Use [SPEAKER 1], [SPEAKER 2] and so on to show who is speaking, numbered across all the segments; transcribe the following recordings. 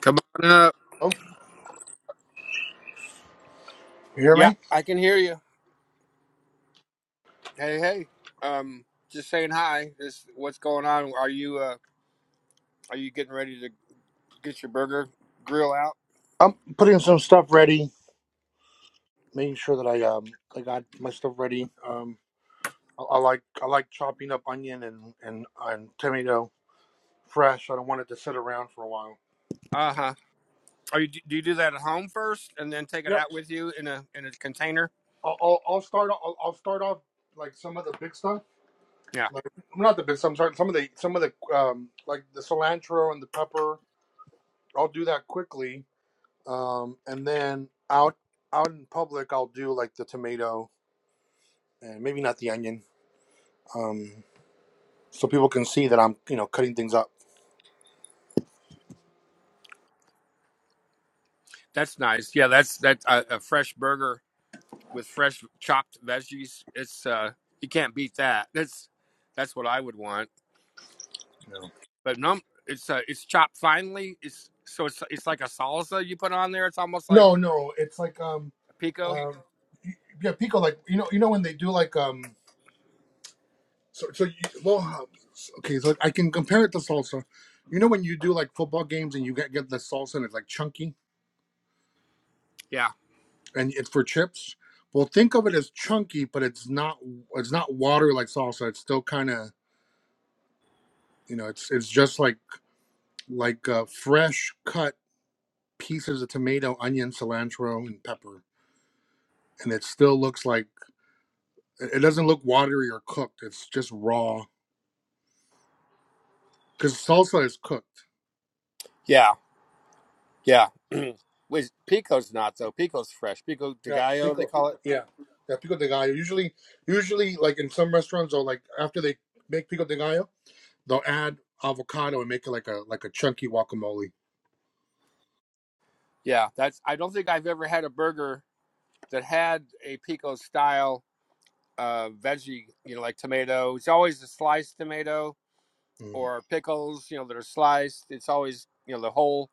[SPEAKER 1] Come on up.
[SPEAKER 2] Oh, you hear
[SPEAKER 1] Yeah,
[SPEAKER 2] me?
[SPEAKER 1] I can hear you. Hey, hey. Um, just saying hi. This, what's going on? Are you uh, are you getting ready to get your burger grill out?
[SPEAKER 2] I'm putting some stuff ready, making sure that I um I got my stuff ready. Um, I, I like I like chopping up onion and and and tomato fresh. I don't want it to sit around for a while.
[SPEAKER 1] Uh huh. Are you do you do that at home first, and then take it
[SPEAKER 2] Yep.
[SPEAKER 1] out with you in a in a container?
[SPEAKER 2] I'll I'll, I'll start I'll, I'll start off like some of the big stuff.
[SPEAKER 1] Yeah,
[SPEAKER 2] Like not the big stuff. I'm sorry. Some of the some of the um like the cilantro and the pepper. I'll do that quickly. Um, and then out out in public, I'll do like the tomato and maybe not the onion. Um. so people can see that I'm, you know, cutting things up.
[SPEAKER 1] that's nice. Yeah, that's that's a, a fresh burger with fresh chopped veggies. It's uh, you can't beat that. That's that's what I would want.
[SPEAKER 2] You know.
[SPEAKER 1] But no, it's uh, it's chopped finely. It's so it's it's like a salsa you put on there. It's almost like
[SPEAKER 2] No, no, it's like um,
[SPEAKER 1] pico.
[SPEAKER 2] um, y- yeah, Pico. Like you know, you know when they do like um, so so you, well, okay, so I can compare it to salsa. You know when you do like football games and you get get the salsa and it's like chunky
[SPEAKER 1] Yeah,
[SPEAKER 2] and it's for chips. Well, think of it as chunky, but it's not it's not water like salsa. It's still kind of you know it's it's just like like uh, fresh cut pieces of tomato, onion, cilantro, and pepper, and it still looks like It it doesn't look watery or cooked. It's just raw because salsa is cooked.
[SPEAKER 1] yeah, yeah. Which Pico's not though. Pico's fresh. Pico de
[SPEAKER 2] Yeah,
[SPEAKER 1] Gallo, they
[SPEAKER 2] pico.
[SPEAKER 1] call it.
[SPEAKER 2] Yeah, yeah, pico de gallo. Usually, usually like in some restaurants, or like after they make pico de gallo, they'll add avocado and make it like a like a chunky guacamole.
[SPEAKER 1] Yeah, that's. I don't think I've ever had a burger that had a Pico style uh, veggie. You know, like tomato. It's always a sliced tomato
[SPEAKER 2] Mm.
[SPEAKER 1] or pickles. You know, that are sliced. It's always you know the whole,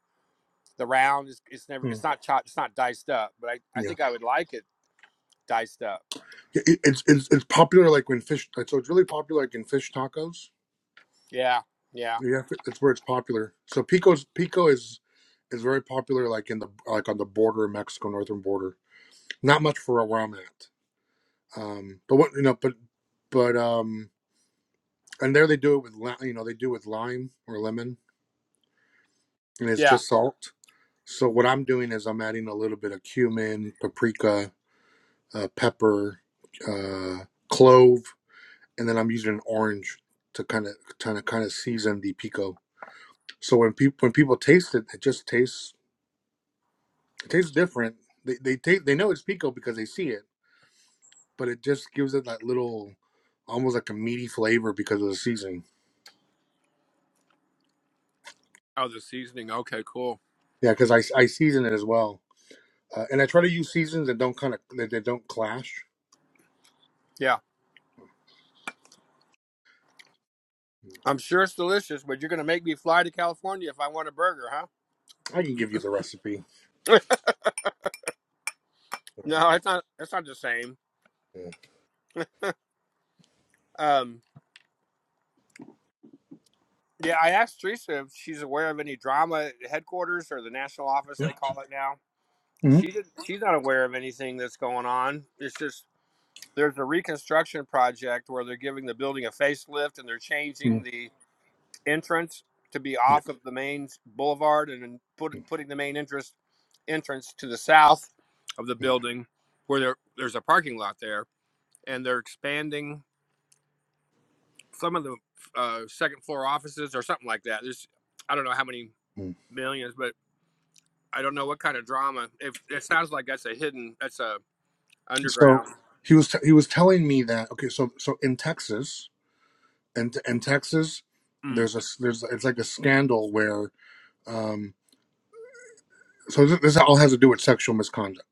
[SPEAKER 1] the round. It's, it's never.
[SPEAKER 2] Mm.
[SPEAKER 1] It's not chopped. It's not diced up. But I, I
[SPEAKER 2] Yeah,
[SPEAKER 1] think I would like it diced up.
[SPEAKER 2] It- it- it's, it's it's popular like when fish. like, So it's really popular like in fish tacos.
[SPEAKER 1] Yeah, yeah,
[SPEAKER 2] Yeah, fi- that's where it's popular. So pico's pico is is very popular like in the like on the border of Mexico, northern border. Not much for around that. Um, but what you know, but but um, and there they do it with li- you know they do it with lime or lemon, and it's
[SPEAKER 1] yeah.
[SPEAKER 2] just salt. So what I'm doing is I'm adding a little bit of cumin, paprika, uh, pepper, uh, clove, and then I'm using an orange to kind of kind of kind of season the pico. So when people when people taste it, it just tastes it tastes different. They they ta- they know it's pico because they see it, but it just gives it that little almost like a meaty flavor because of the seasoning.
[SPEAKER 1] Oh, the seasoning. Okay, cool.
[SPEAKER 2] Yeah, because I, I season it as well, uh, and I try to use seasons that don't kind of that, that don't clash.
[SPEAKER 1] Yeah. I'm sure it's delicious, but you're gonna make me fly to California if I want a burger, huh?
[SPEAKER 2] I can give you the recipe.
[SPEAKER 1] No, it's not. It's not the same.
[SPEAKER 2] Yeah.
[SPEAKER 1] Um, yeah, I asked Teresa if she's aware of any drama at headquarters or the national office they call it now.
[SPEAKER 2] Mm-hmm.
[SPEAKER 1] She
[SPEAKER 2] Mm-hmm.
[SPEAKER 1] did, she's not aware of anything that's going on. It's just there's a reconstruction project where they're giving the building a facelift and they're changing the entrance to be
[SPEAKER 2] Yeah.
[SPEAKER 1] off of the main boulevard and then put,
[SPEAKER 2] Mm-hmm.
[SPEAKER 1] putting the main entrance entrance to the south of the
[SPEAKER 2] Yeah.
[SPEAKER 1] building where there, there's a parking lot there and they're expanding some of the uh, second floor offices or something like that. There's I don't know how many
[SPEAKER 2] Mm.
[SPEAKER 1] millions, but I don't know what kind of drama. If it sounds like that's a hidden, that's a
[SPEAKER 2] So
[SPEAKER 1] underground
[SPEAKER 2] he was t- he was telling me that okay, so so in Texas and in, in Texas,
[SPEAKER 1] mm.
[SPEAKER 2] there's a there's it's like a scandal where um so this, this all has to do with sexual misconduct.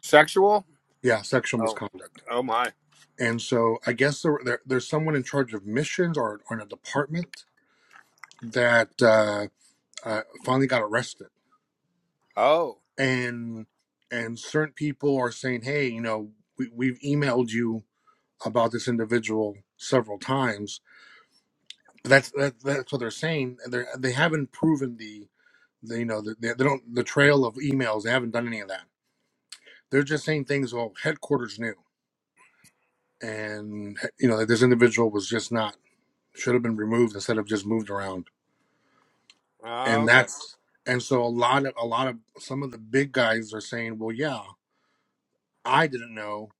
[SPEAKER 1] sexual.
[SPEAKER 2] Yeah, sexual
[SPEAKER 1] Oh,
[SPEAKER 2] misconduct.
[SPEAKER 1] oh my.
[SPEAKER 2] And so I guess there, there there's someone in charge of missions or, or in a department that uh, uh, finally got arrested
[SPEAKER 1] Oh,
[SPEAKER 2] and and certain people are saying hey you know we, we've emailed you about this individual several times but that's that, that's what they're saying and they they haven't proven the, the you know the, they they don't the trail of emails they haven't done any of that they're just saying things well headquarters knew and you know that this individual was just not should have been removed instead of just moved around
[SPEAKER 1] Ah,
[SPEAKER 2] and
[SPEAKER 1] okay.
[SPEAKER 2] that's and so a lot of a lot of some of the big guys are saying well yeah i didn't know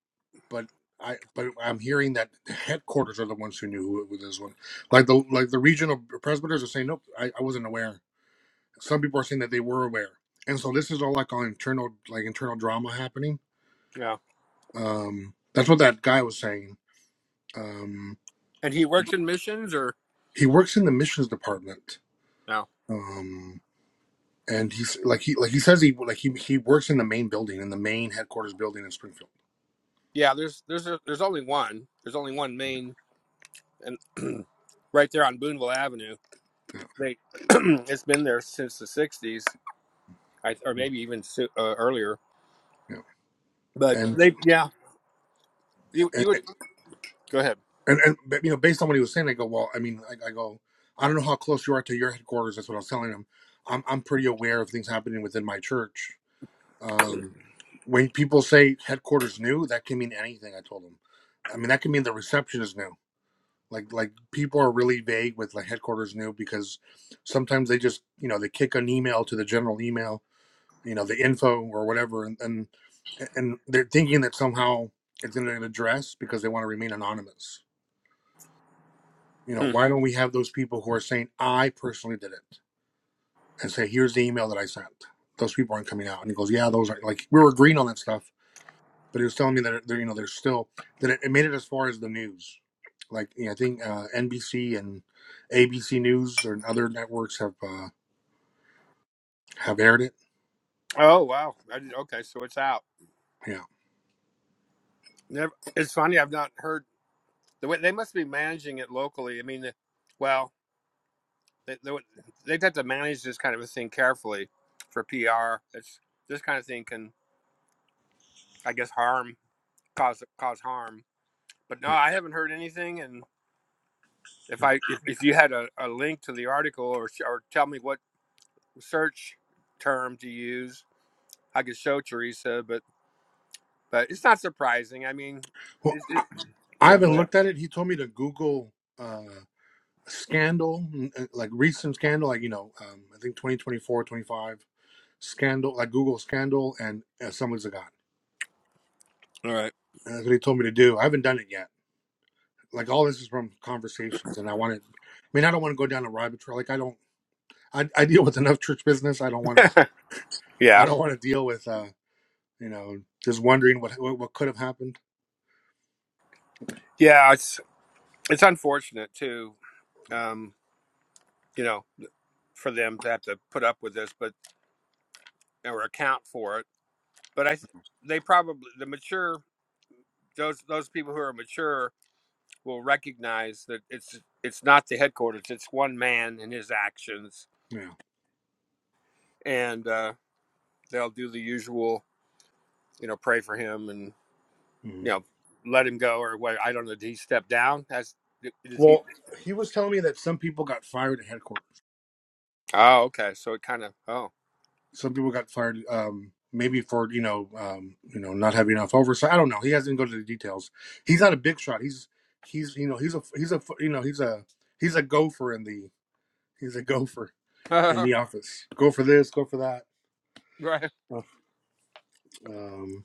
[SPEAKER 2] but I but I'm hearing that the headquarters are the ones who knew who it was. One like the like the regional presbyters are saying, nope, I, I wasn't aware. Some people are saying that they were aware, and so this is all like all internal like internal drama happening.
[SPEAKER 1] Yeah,
[SPEAKER 2] Um, that's what that guy was saying. Um,
[SPEAKER 1] and he works in missions or
[SPEAKER 2] he works in the missions department.
[SPEAKER 1] no?
[SPEAKER 2] Um, and he's like he like he says he like he he works in the main building in the main headquarters building in Springfield.
[SPEAKER 1] Yeah, there's there's a, there's only one. There's only one main and right there on Boonville Avenue.
[SPEAKER 2] Yeah,
[SPEAKER 1] They it's been there since the '60s, I, or
[SPEAKER 2] Mm,
[SPEAKER 1] maybe even so, uh, earlier.
[SPEAKER 2] yeah.
[SPEAKER 1] But
[SPEAKER 2] And
[SPEAKER 1] they yeah You you would go ahead.
[SPEAKER 2] and and but, you know, based on what he was saying, I go, well, I mean, I, I go, I don't know how close you are to your headquarters. That's what I was telling him. I'm I'm pretty aware of things happening within my church. Um, when people say headquarters new, that can mean anything. I told him. I mean, that can mean the reception is new. Like like people are really vague with like headquarters new because sometimes they just you know they kick an email to the general email, you know, the info or whatever, and and, and they're thinking that somehow it's going to address because they want to remain anonymous you know,
[SPEAKER 1] Hmm.
[SPEAKER 2] why don't we have those people who are saying, I personally did it and say, here's the email that I sent. Those people aren't coming out. And he goes, yeah, those are like, we were agreeing on that stuff, but he was telling me that, they're, you know, there's still, that it, it made it as far as the news. Like, you know, I think uh, NBC and ABC News and other networks have, uh, have aired it.
[SPEAKER 1] Oh wow. I didn't- okay, so it's out.
[SPEAKER 2] Yeah.
[SPEAKER 1] Never, it's funny. I've not heard the way they must be managing it locally. I mean, the, well, they, they would- they'd have to manage this kind of a thing carefully for PR. It's this kind of thing can, I guess, harm cause cause harm. But no,
[SPEAKER 2] yeah.
[SPEAKER 1] I haven't heard anything. And if
[SPEAKER 2] yeah.
[SPEAKER 1] I if, if you had a, a link to the article or sh- or tell me what search term to use, I could show Teresa. But but it's not surprising. I mean,
[SPEAKER 2] Well,
[SPEAKER 1] it's
[SPEAKER 2] I,
[SPEAKER 1] it,
[SPEAKER 2] I
[SPEAKER 1] yeah.
[SPEAKER 2] haven't
[SPEAKER 1] Go ahead.
[SPEAKER 2] looked at it. He told me to Google, uh, scandal, uh, like recent scandal, like, you know, um, I think 2024, 25 Scandal, like Google Scandal and uh, Someone's a God.
[SPEAKER 1] All right.
[SPEAKER 2] And that's what he told me to do. I haven't done it yet. Like all this is from conversations, and I want to. I mean, I don't want to go down a rabbit trail. Like I don't. I, I deal with enough church business. I don't want to. I
[SPEAKER 1] Yeah,
[SPEAKER 2] don't want to deal with. uh You know, just wondering what what, what could have happened.
[SPEAKER 1] yeah, it's it's unfortunate too.
[SPEAKER 2] Mm.
[SPEAKER 1] Um, you know, for them to have to put up with this, but or account for it. But I, th-
[SPEAKER 2] Mm.
[SPEAKER 1] they probably the mature those those people who are mature will recognize that it's it's not the headquarters. It's one man and his actions,
[SPEAKER 2] Yeah.
[SPEAKER 1] and uh, they'll do the usual. You know, pray for him and you
[SPEAKER 2] Mhm.
[SPEAKER 1] know let him go or what. I don't know. Did he step down? That's did did he?
[SPEAKER 2] Well, he was telling me that some people got fired at headquarters.
[SPEAKER 1] Oh, okay. So it kind of
[SPEAKER 2] some people got fired um maybe for you know um you know not having enough oversight i don't know he hasn't go to the details he's not a big shot he's he's you know he's a he's a you know he's a he's a gopher in the he's a gopher in
[SPEAKER 1] oh.
[SPEAKER 2] the office go for this go for that
[SPEAKER 1] right.
[SPEAKER 2] um uh, um,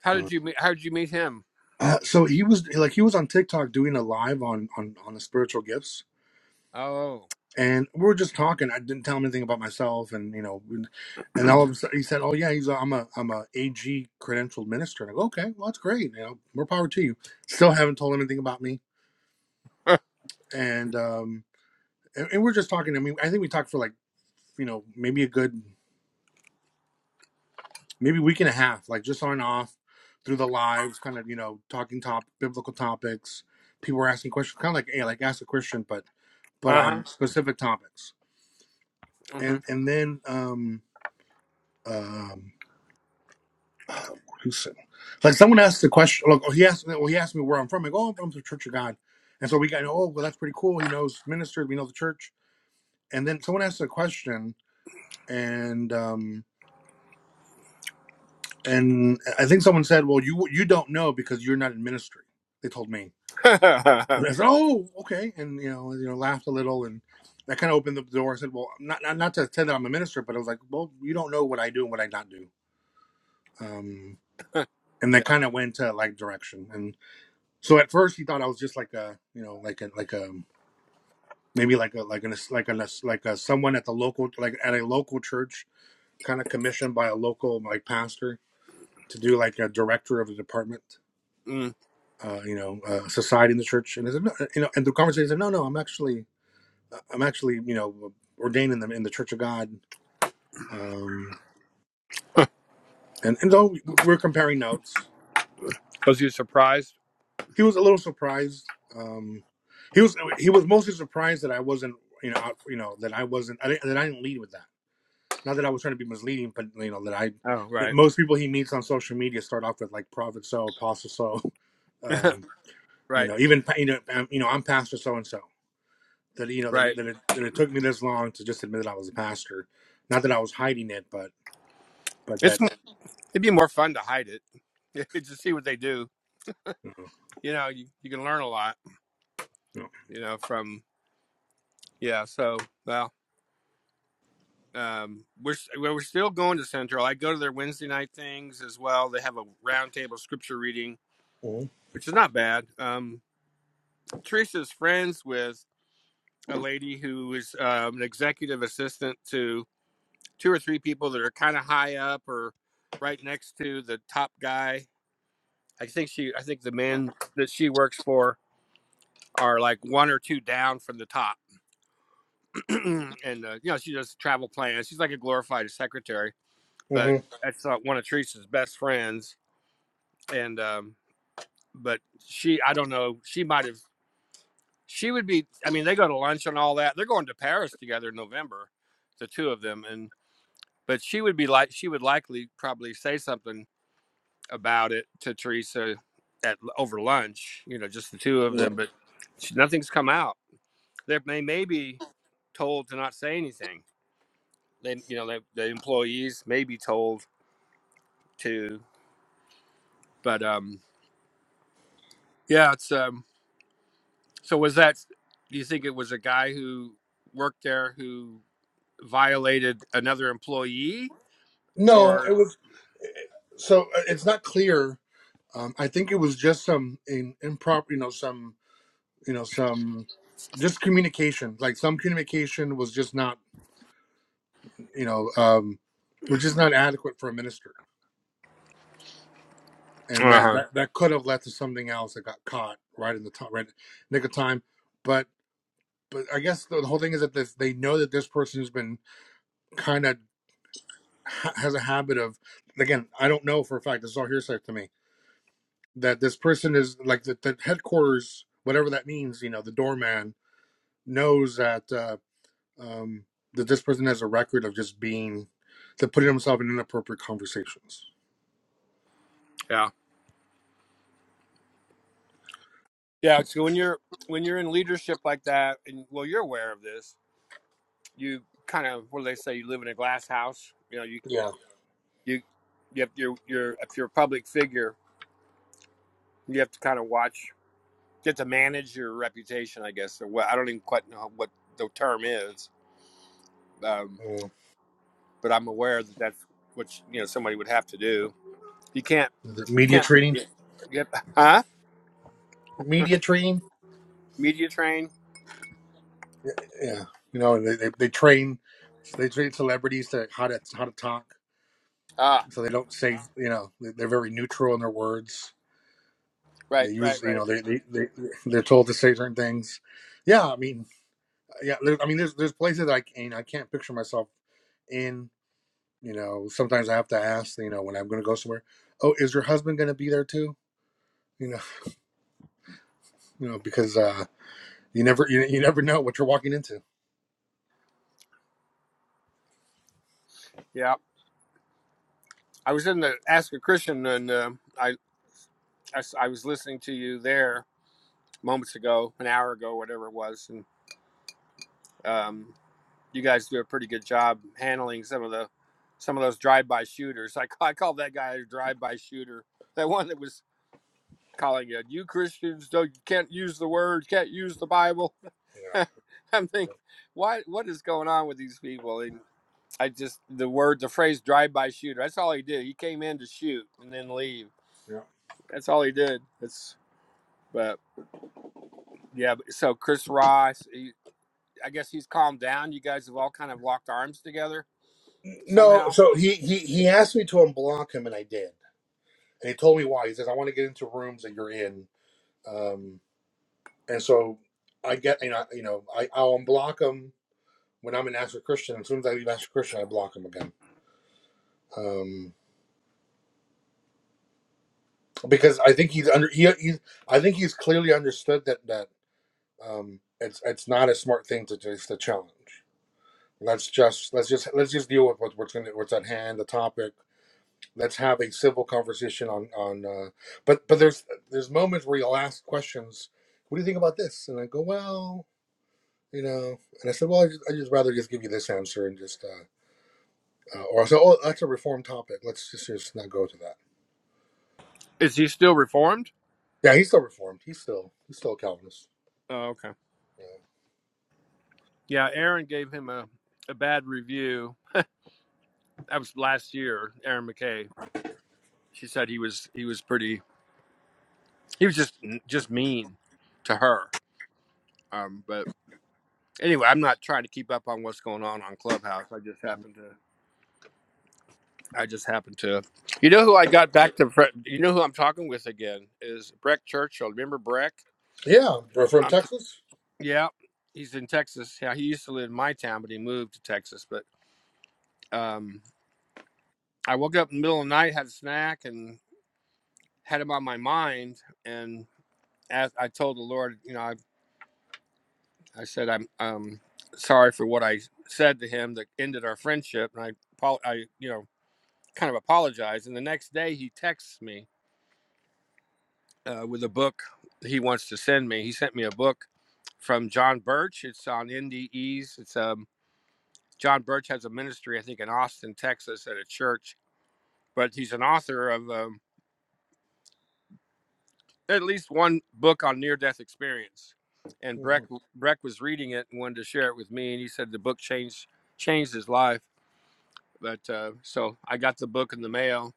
[SPEAKER 1] How did you meet? How did you meet him?
[SPEAKER 2] uh, so he was like he was on tiktok doing a live on on on the spiritual gifts
[SPEAKER 1] Oh,
[SPEAKER 2] and we were just talking. I didn't tell him anything about myself, and you know, and all of a sudden he said, "Oh yeah, he's a, I'm a I'm a AG credentialed minister." And I go, "Okay, well that's great. You know, more power to you." Still haven't told him anything about me,
[SPEAKER 1] uh
[SPEAKER 2] and um, and, and we're just talking. I mean, I think we talked for like you know maybe a good maybe week and a half, like just on and off through the lives, kind of you know talking top biblical topics. People were asking questions, kind of like hey, like ask a Christian, but but
[SPEAKER 1] huh.
[SPEAKER 2] on specific topics,
[SPEAKER 1] hmm
[SPEAKER 2] and and then um um. He said, like someone asked the question. Like he asked, well, he asked me where I'm from. Like, oh, I'm from the Church of God. And so we got, oh, well, that's pretty cool. He knows ministers. We know the church. And then someone asked a question, and um, and I think someone said, well, you you don't know because you're not in ministry. They told me, and I said, oh, okay, and you know, you know, laughed a little, and that kind of opened the door. I said, well, not not not to say that I'm a minister, but I was like, well, you don't know what I do and what I not do. Um, and
[SPEAKER 1] yeah.
[SPEAKER 2] that kind of went to like direction, and. So at first he thought I was just like a, you know, like a like a maybe like a like an like a like a someone at the local like at a local church, kind of commissioned by a local like pastor to do like a director of the department,
[SPEAKER 1] Mm.
[SPEAKER 2] uh, you know, uh, society in the church. And I said, no, you know, and the conversation said, no, no, I'm actually, I'm actually, you know, ordaining them in the Church of God. Um, and and though we- we're comparing notes,
[SPEAKER 1] Was you surprised?
[SPEAKER 2] he was a little surprised. Um, he was he was mostly surprised that I wasn't, you know, out, you know, that I wasn't, I didn't, that I didn't lead with that Not that I was trying to be misleading, but you know that I
[SPEAKER 1] Oh,
[SPEAKER 2] that
[SPEAKER 1] right,
[SPEAKER 2] most people he meets on social media start off with like prophet so, apostle so, um, you
[SPEAKER 1] right,
[SPEAKER 2] know, even you know, um, you know, I'm pastor so and so. That you know that it,
[SPEAKER 1] right.
[SPEAKER 2] that, it, that it took me this long to just admit that I was a pastor. Not that I was hiding it, but but
[SPEAKER 1] It's
[SPEAKER 2] that
[SPEAKER 1] m- it'd be more fun to hide it. just see what they do.
[SPEAKER 2] you know,
[SPEAKER 1] You know, you, you can learn a lot.
[SPEAKER 2] you
[SPEAKER 1] You know, from yeah. So well, um, we're s- well, we're still going to Central. I go to their Wednesday night things as well. They have a roundtable scripture reading,
[SPEAKER 2] know. Mhm.
[SPEAKER 1] which is not bad. Um, Teresa's friends with. a lady who is um, an executive assistant to two or three people that are kind of high up or right next to the top guy. I think she, I think the men that she works for are like one or two down from the top, and uh, you know she does travel plans. She's like a glorified secretary, but
[SPEAKER 2] Mhm.
[SPEAKER 1] that's not one of Teresa's best friends. And um, but she, I don't know, she might have. She would be. I mean, they go to lunch and all that. They're going to Paris together in November, the two of them, And but she would be like she would likely probably say something about it to Teresa at over lunch, you know, just the two of them. But she, nothing's come out. They they may be told to not say anything. They you know they, the employees may be told to, but um yeah, it's um so was that? Do you think it was a guy who worked there who violated another employee
[SPEAKER 2] no, it
[SPEAKER 1] or?
[SPEAKER 2] was so uh, it's not clear. Um, I think it was just some in, improper, you know, some you know some just communication. Like some communication was just not you know, um, which is not adequate for a minister. And
[SPEAKER 1] Uh
[SPEAKER 2] that,
[SPEAKER 1] huh.
[SPEAKER 2] that, that could have led to something else that got caught right in the time, right nick of time. But but I guess the, the whole thing is that this, they know that this person has been kind of ha- has a habit of again I don't know for a fact this is all hearsay to me that this person is like the, the headquarters whatever that means you know the doorman knows that uh, um, that this person has a record of just being to putting himself in inappropriate conversations.
[SPEAKER 1] Yeah. Yeah, so when you're when you're in leadership like that, and well, you're aware of this. You kind of what do they say? You live in a glass house. You know, you
[SPEAKER 2] Yeah.
[SPEAKER 1] you you have your your if you're a public figure, you have to kind of watch, you have to manage your reputation, I guess. Or what I don't even quite know what the term is, um, but I'm aware that that's what you know somebody would have to do. You can't,
[SPEAKER 2] Is it
[SPEAKER 1] you
[SPEAKER 2] media
[SPEAKER 1] can't,
[SPEAKER 2] training?
[SPEAKER 1] Yep. you huh?
[SPEAKER 2] Media training?
[SPEAKER 1] Media train.
[SPEAKER 2] Yeah. You know, and they, they, they train they train celebrities to how to how to talk,
[SPEAKER 1] Ah,
[SPEAKER 2] so they don't say you know they- they're very neutral in their words.
[SPEAKER 1] right,
[SPEAKER 2] They
[SPEAKER 1] right,
[SPEAKER 2] use you
[SPEAKER 1] right.
[SPEAKER 2] know they they they they're told to say certain things. Yeah, I mean, yeah, there, I mean, there's there's places I can I can't picture myself in. You know, sometimes I have to ask. You know, when I'm going to go somewhere, oh, is your husband going to be there too? You know, you know because uh, you never you, you never know what you're walking into.
[SPEAKER 1] Yeah. I was in the Ask a Christian, and uh, I I I was listening to you there moments ago, an hour ago, whatever it was, and um, you guys do a pretty good job handling some of the some of those drive-by shooters. I, ca- I called that guy a drive-by shooter. That one that was calling you, you Christians don't you can't use the word, can't use the Bible. I'm thinking, why? What is going on with these people? And I just the word, the phrase "drive-by shooter." That's all he did. He came in to shoot and then leave.
[SPEAKER 2] Yeah.
[SPEAKER 1] That's all he did. That's but yeah. So Chris Ross, he, I guess he's calmed down. You guys have all kind of locked arms together
[SPEAKER 2] No,
[SPEAKER 1] somehow.
[SPEAKER 2] so he he he asked me to unblock him, and I did. And he told me why. He says, "I want to get into rooms that you're in." Um, and so I get you know you know I I'll unblock him when I'm in Astro Christian. As soon as I leave Astro Christian, I block him again. Um, because I think he's under he, he's I think he's clearly understood that that um it's it's not a smart thing to just to challenge. Let's just let's just let's just deal with what, what's going what's at hand, the topic. let's have a civil conversation on on uh, but but there's there's moments where you'll ask questions what do you think about this and i go well you know and i said well i just, I just rather just give you this answer and just uh, uh or i said oh that's a reform topic let's just just not go to that
[SPEAKER 1] Is he still reformed?
[SPEAKER 2] yeah he's still reformed he's still he's still a calvinist
[SPEAKER 1] Oh, okay. Yeah, Aaron gave him a, a bad review. That was last year. Aaron McKay. She said he was he was pretty. He was just just mean to her. Um, but anyway, I'm not trying to keep up on what's going on on Clubhouse. I just happened to. I just happened to. You know who I got back to? fr- You know who I'm talking with again is Breck Churchill. Remember Breck?
[SPEAKER 2] yeah, yeah we're from
[SPEAKER 1] I'm. T-
[SPEAKER 2] texas
[SPEAKER 1] yeah, he's in Texas. Yeah, he used to live in my town, but he moved to Texas. But um, I woke up in the middle of the night, had a snack, and had him on my mind. And as I told the Lord, you know, I, I said I'm um sorry for what I said to him that ended our friendship, and I, apo- I you know, kind of apologized. And the next day he texts me uh, with a book he wants to send me. He sent me a book from John Birch. It's on NDEs. It's um, John Birch has a ministry, I think, in Austin, Texas, at a church. But he's an author of um, at least one book on near-death experience. And
[SPEAKER 2] mm-hmm.
[SPEAKER 1] Breck Breck was reading it and wanted to share it with me, and he said the book changed changed his life. But uh, so I got the book in the mail.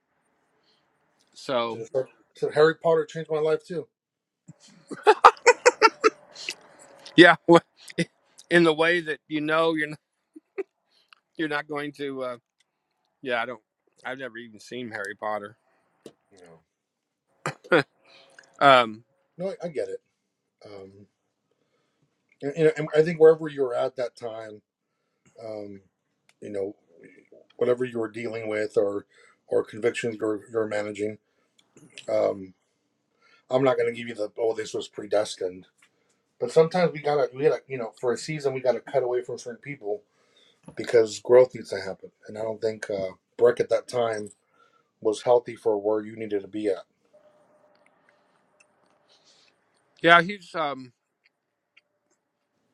[SPEAKER 2] should,
[SPEAKER 1] So
[SPEAKER 2] have said, should harry potter changed my life too
[SPEAKER 1] yeah, in the way that you know you're not, you're not going to. Uh, yeah, I don't. I've never even seen Harry Potter.
[SPEAKER 2] you know
[SPEAKER 1] Um,
[SPEAKER 2] no i, I get it um and, and i think wherever you're at that time um, you know, whatever you're dealing with or or convictions you're you're managing. Um, I'm not going to give you the oh this was predestined, but sometimes we gotta we gotta you know for a season we gotta cut away from certain people because growth needs to happen, and I don't think uh, Breck at that time was healthy for where you needed to be at.
[SPEAKER 1] yeah, he's. Um,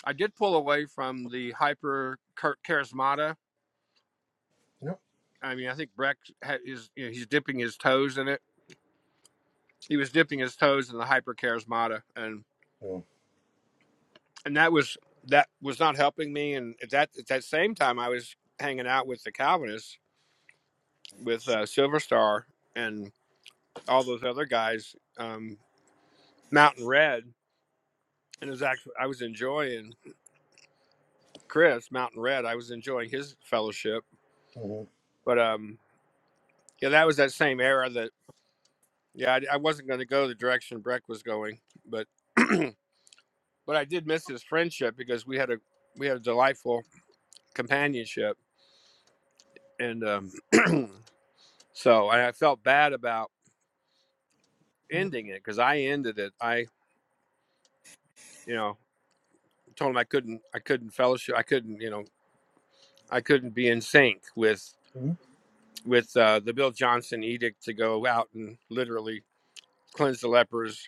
[SPEAKER 1] I did pull away from the hyper char- charismata.
[SPEAKER 2] No.
[SPEAKER 1] I mean, I think Breck ha- is. You know, he's dipping his toes in it. He was dipping his toes in the hyper charismata, and
[SPEAKER 2] Yeah.
[SPEAKER 1] and that was that was not helping me. And at that at that same time, I was hanging out with the Calvinists, with uh, Silver Star and all those other guys, um, Mountain Red. And it was actually I was enjoying Chris Mountain Red. I was enjoying his fellowship,
[SPEAKER 2] hmm
[SPEAKER 1] but um, yeah, that was that same era that. Yeah, I, I wasn't going to go the direction Breck was going, but but I did miss his friendship because we had a we had a delightful companionship, and um, so and I felt bad about ending it because I ended it. I you know told him I couldn't I couldn't fellowship I couldn't you know I couldn't be in sync with
[SPEAKER 2] hmm
[SPEAKER 1] with uh, the Bill Johnson edict to go out and literally cleanse the lepers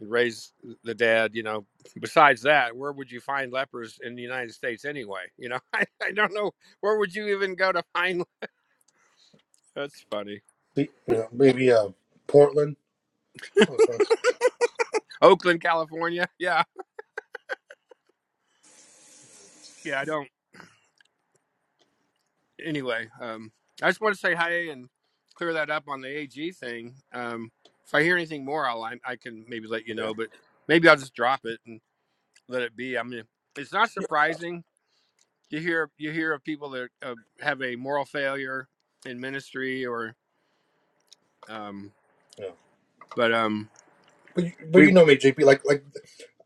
[SPEAKER 1] and raise the dad you know besides that where would you find lepers in the united states anyway you know i, I don't know where would you even go to find that's funny
[SPEAKER 2] See, you know, maybe uh, Portland. Okay.
[SPEAKER 1] oakland california yeah yeah i don't anyway um i just want to say hi and clear that up on the ag thing um if i hear anything more i'll i, I can maybe let you
[SPEAKER 2] Yeah,
[SPEAKER 1] know but maybe i'll just drop it and let it be i mean it's not surprising you hear you hear of people that uh, have a moral failure in ministry or um
[SPEAKER 2] yeah.
[SPEAKER 1] But um,
[SPEAKER 2] But you, but you
[SPEAKER 1] we
[SPEAKER 2] know me, JP. Like like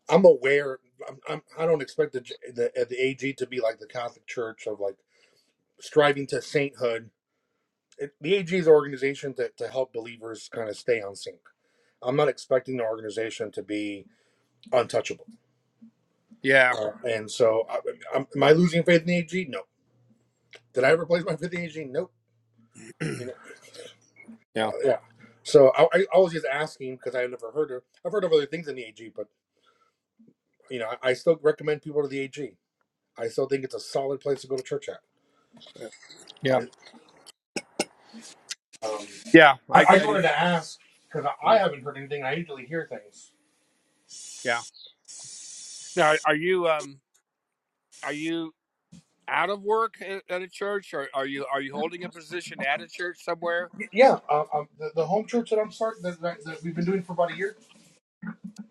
[SPEAKER 2] I'm aware. I'm, I'm, I don't expect the, the uh, the AG to be like the Catholic Church of like striving to sainthood. It, the AG is an organization to, to help believers kind of stay on sync. I'm not expecting the organization to be untouchable.
[SPEAKER 1] yeah
[SPEAKER 2] Uh, and so, I, I'm, am I losing faith in the AG? No. Did I ever place my faith in the AG? Nope. You know,
[SPEAKER 1] yeah
[SPEAKER 2] uh, yeah. So I, I I was just asking because I have never heard of. I've heard of other things in the AG, but you know, I, I still recommend people to the AG. I still think it's a solid place to go to church at.
[SPEAKER 1] yeah
[SPEAKER 2] I, Um,
[SPEAKER 1] yeah
[SPEAKER 2] I,
[SPEAKER 1] I
[SPEAKER 2] I
[SPEAKER 1] I
[SPEAKER 2] just
[SPEAKER 1] do
[SPEAKER 2] wanted to ask because I,
[SPEAKER 1] mm,
[SPEAKER 2] haven't heard anything. I usually hear things.
[SPEAKER 1] yeah. Now are you um are you out of work at, at a church or are you are you holding a position at a church somewhere?
[SPEAKER 2] Y- Yeah, uh, um, the, the home church that I'm starting that, that, that we've been doing for about a year.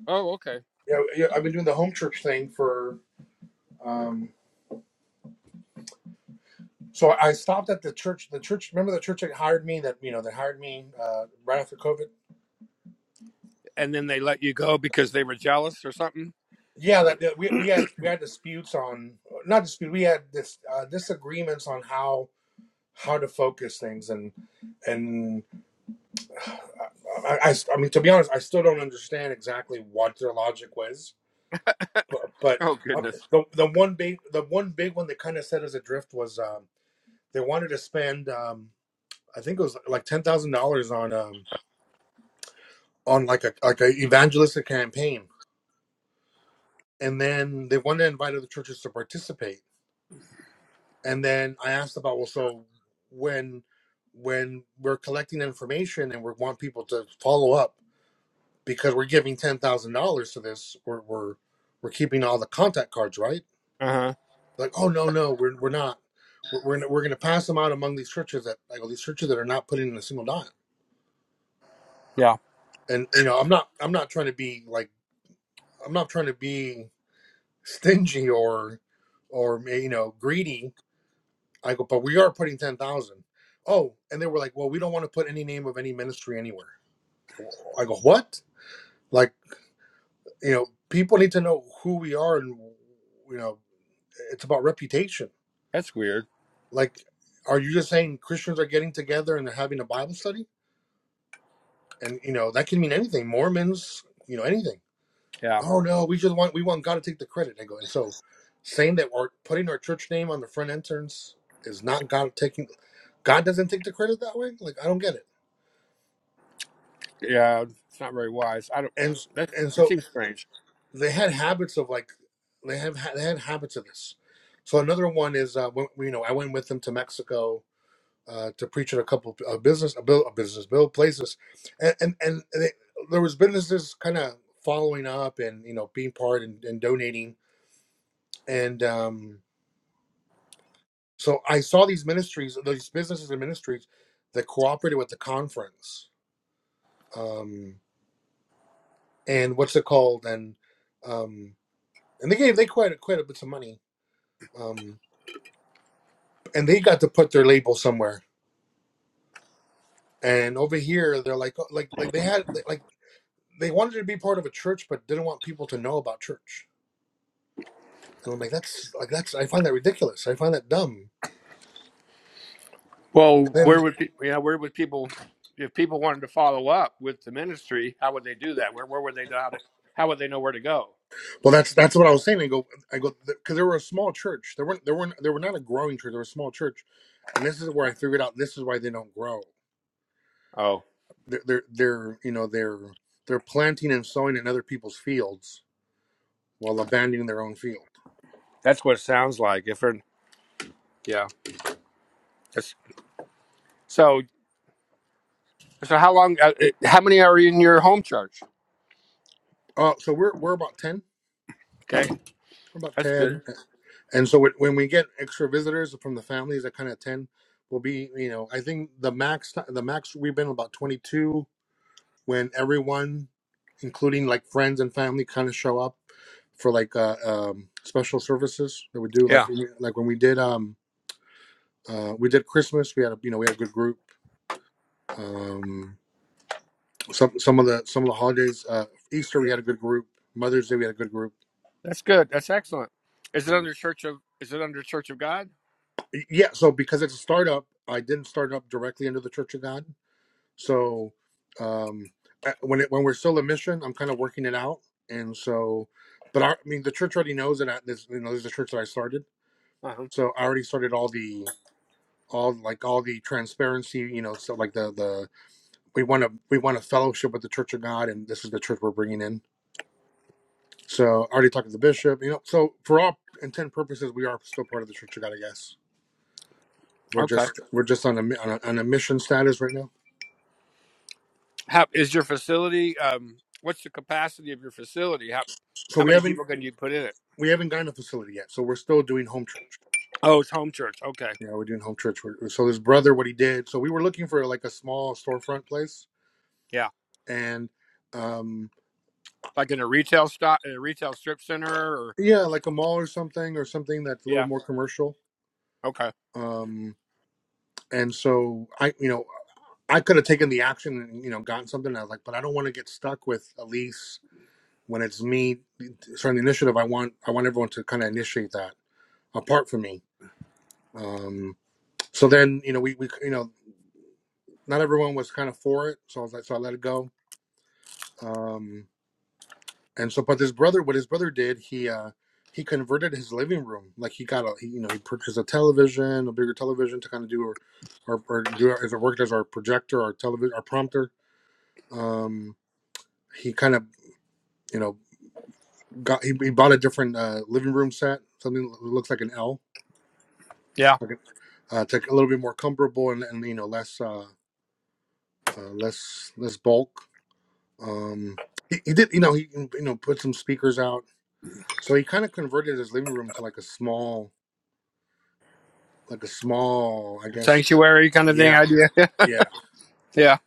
[SPEAKER 1] Oh okay.
[SPEAKER 2] Yeah, yeah, I've been doing the home church thing for. Um, so I stopped at the church. The church, remember the church that hired me? That you know, that hired me uh, right after COVID.
[SPEAKER 1] And then they let you go because they were jealous or something.
[SPEAKER 2] Yeah, that, that we, we had we had disputes on not dispute. We had this uh, disagreements on how how to focus things and and I, I, I mean, to be honest, I still don't understand exactly what their logic was. But, but
[SPEAKER 1] Oh
[SPEAKER 2] uh,
[SPEAKER 1] goodness.
[SPEAKER 2] the the one big the one big one that kind of set us adrift was um, they wanted to spend um, I think it was like ten thousand dollars on um, on like a like a evangelistic campaign, and then they wanted to invite other churches to participate. And then I asked about well, so when when we're collecting information and we want people to follow up because we're giving ten thousand dollars to this. We're we're we're keeping all the contact cards, right?
[SPEAKER 1] Uh huh.
[SPEAKER 2] Like, oh no, no, we're we're not. We're we're, gonna- we're going to pass them out among these churches that like all these churches that are not putting in a single dime.
[SPEAKER 1] Yeah.
[SPEAKER 2] And you know, I'm not I'm not trying to be like I'm not trying to be stingy or or eh, you know greedy. I go, but we are putting ten thousand. Oh, and they were like, well, we don't want to put any name of any ministry anywhere. I go, I go what? Like, you know, people need to know who we are and you know It's about reputation.
[SPEAKER 1] That's weird.
[SPEAKER 2] Like, are you just saying Christians are getting together and they're having a Bible study? And you know that can mean anything. Mormons, you know anything.
[SPEAKER 1] Yeah.
[SPEAKER 2] Oh no, we just want we want God to take the credit. I go and so saying that we're putting our church name on the front entrance is not God taking. God doesn't take the credit that way. Like I don't get it.
[SPEAKER 1] Yeah. It's not very wise. I don't.
[SPEAKER 2] And
[SPEAKER 1] That
[SPEAKER 2] and
[SPEAKER 1] it
[SPEAKER 2] so
[SPEAKER 1] seems strange.
[SPEAKER 2] they had habits of like they have they had habits of this. So another one is uh, when, you know I went with them to Mexico uh, to preach at a couple of uh, business, a bill, a business bill places, and and, and they, there was businesses kind of following up and you know being part and, and donating, and um, so I saw these ministries, these businesses and ministries that cooperated with the conference, um, and what's it called, and um, and they gave they quite quite a bit of money, um, and they got to put their label somewhere, and over here they're like oh, like like they had like they wanted to be part of a church but didn't want people to know about church And I'm like, that's like that's I find that ridiculous. I find that dumb. And
[SPEAKER 1] Well,
[SPEAKER 2] then,
[SPEAKER 1] where would pe- yeah, where would people if people wanted to follow up with the ministry, how would they do that? Where where would they know how to how would they know where to go?
[SPEAKER 2] well, that's that's what I was saying. I go, I go, because there were a small church. There weren't, there weren't, there were not a growing church. There were a small church, and this is where I figured out this is why they don't grow.
[SPEAKER 1] Oh,
[SPEAKER 2] They're, they're, they're you know, they're they're planting and sowing in other people's fields while abandoning their own field.
[SPEAKER 1] that's what it sounds like. If they're, yeah, that's, so so how long? Uh, uh, how many are in your home church?
[SPEAKER 2] Uh, so we're we're about ten.
[SPEAKER 1] Okay,
[SPEAKER 2] We're about
[SPEAKER 1] that's
[SPEAKER 2] ten,
[SPEAKER 1] good.
[SPEAKER 2] and so when when we get extra visitors from the families that kind of ten, will be you know, I think the max the max we've been about twenty two when everyone, including like friends and family, kind of show up for like uh, um, special services that we do. Like
[SPEAKER 1] Yeah,
[SPEAKER 2] when we, like when we did um uh, we did Christmas, we had a you know we had a good group. Um, some some of the some of the holidays, uh, Easter we had a good group. Mother's Day we had a good group.
[SPEAKER 1] that's good. That's excellent. Is it under Church of Is it under Church of God?
[SPEAKER 2] Yeah, so because it's a startup, I didn't start up directly under the Church of God. So um, uh, when it, when we're still a mission, I'm kind of working it out, and so, but I, I mean, the church already knows that I, this you know this is the church that I started,
[SPEAKER 1] Uh-huh.
[SPEAKER 2] so I already started all the all like all the transparency, you know, so like the the we want to we want to fellowship with the Church of God, and this is the church we're bringing in. So I already talked to the bishop, you know. So for all intent and purposes, we are still part of the Church of God, I guess. We're
[SPEAKER 1] Okay.
[SPEAKER 2] just we're just on a on a, on a mission status right now.
[SPEAKER 1] How is your facility? Um, what's the capacity of your facility? How
[SPEAKER 2] So
[SPEAKER 1] how
[SPEAKER 2] we
[SPEAKER 1] many
[SPEAKER 2] haven't
[SPEAKER 1] people can you put in it?
[SPEAKER 2] we haven't gotten a facility yet. So we're still doing home church.
[SPEAKER 1] Oh, it's home church. Okay.
[SPEAKER 2] Yeah, we're doing home church work. So his brother, what he did. So we were looking for like a small storefront place, and um,
[SPEAKER 1] like in a retail stop, in a retail strip center, or
[SPEAKER 2] yeah, like a mall or something, or something that's a little
[SPEAKER 1] yeah,
[SPEAKER 2] more commercial.
[SPEAKER 1] okay,
[SPEAKER 2] Um, and so I, you know, I could have taken the action and you know gotten something. And I was like, but I don't want to get stuck with a lease when it's me starting the initiative. I want I want everyone to kind of initiate that apart from me. Um, so then you know we we you know not everyone was kind of for it, so I was like, so I let it go. Um, and so but his brother what his brother did he uh he converted his living room like he got a he, you know he purchased a television a bigger television to kind of do or or, or do as it worked as our projector our television our prompter um he kind of you know got he, he bought a different uh living room set something that looks like an l
[SPEAKER 1] yeah,
[SPEAKER 2] okay. uh to a little bit more comfortable and, and you know less uh, uh less less bulk um he, he did you know he you know put some speakers out so he kind of converted his living room to like a small like a small, I guess.
[SPEAKER 1] sanctuary kind of thing
[SPEAKER 2] Yeah,
[SPEAKER 1] idea.
[SPEAKER 2] yeah,
[SPEAKER 1] yeah,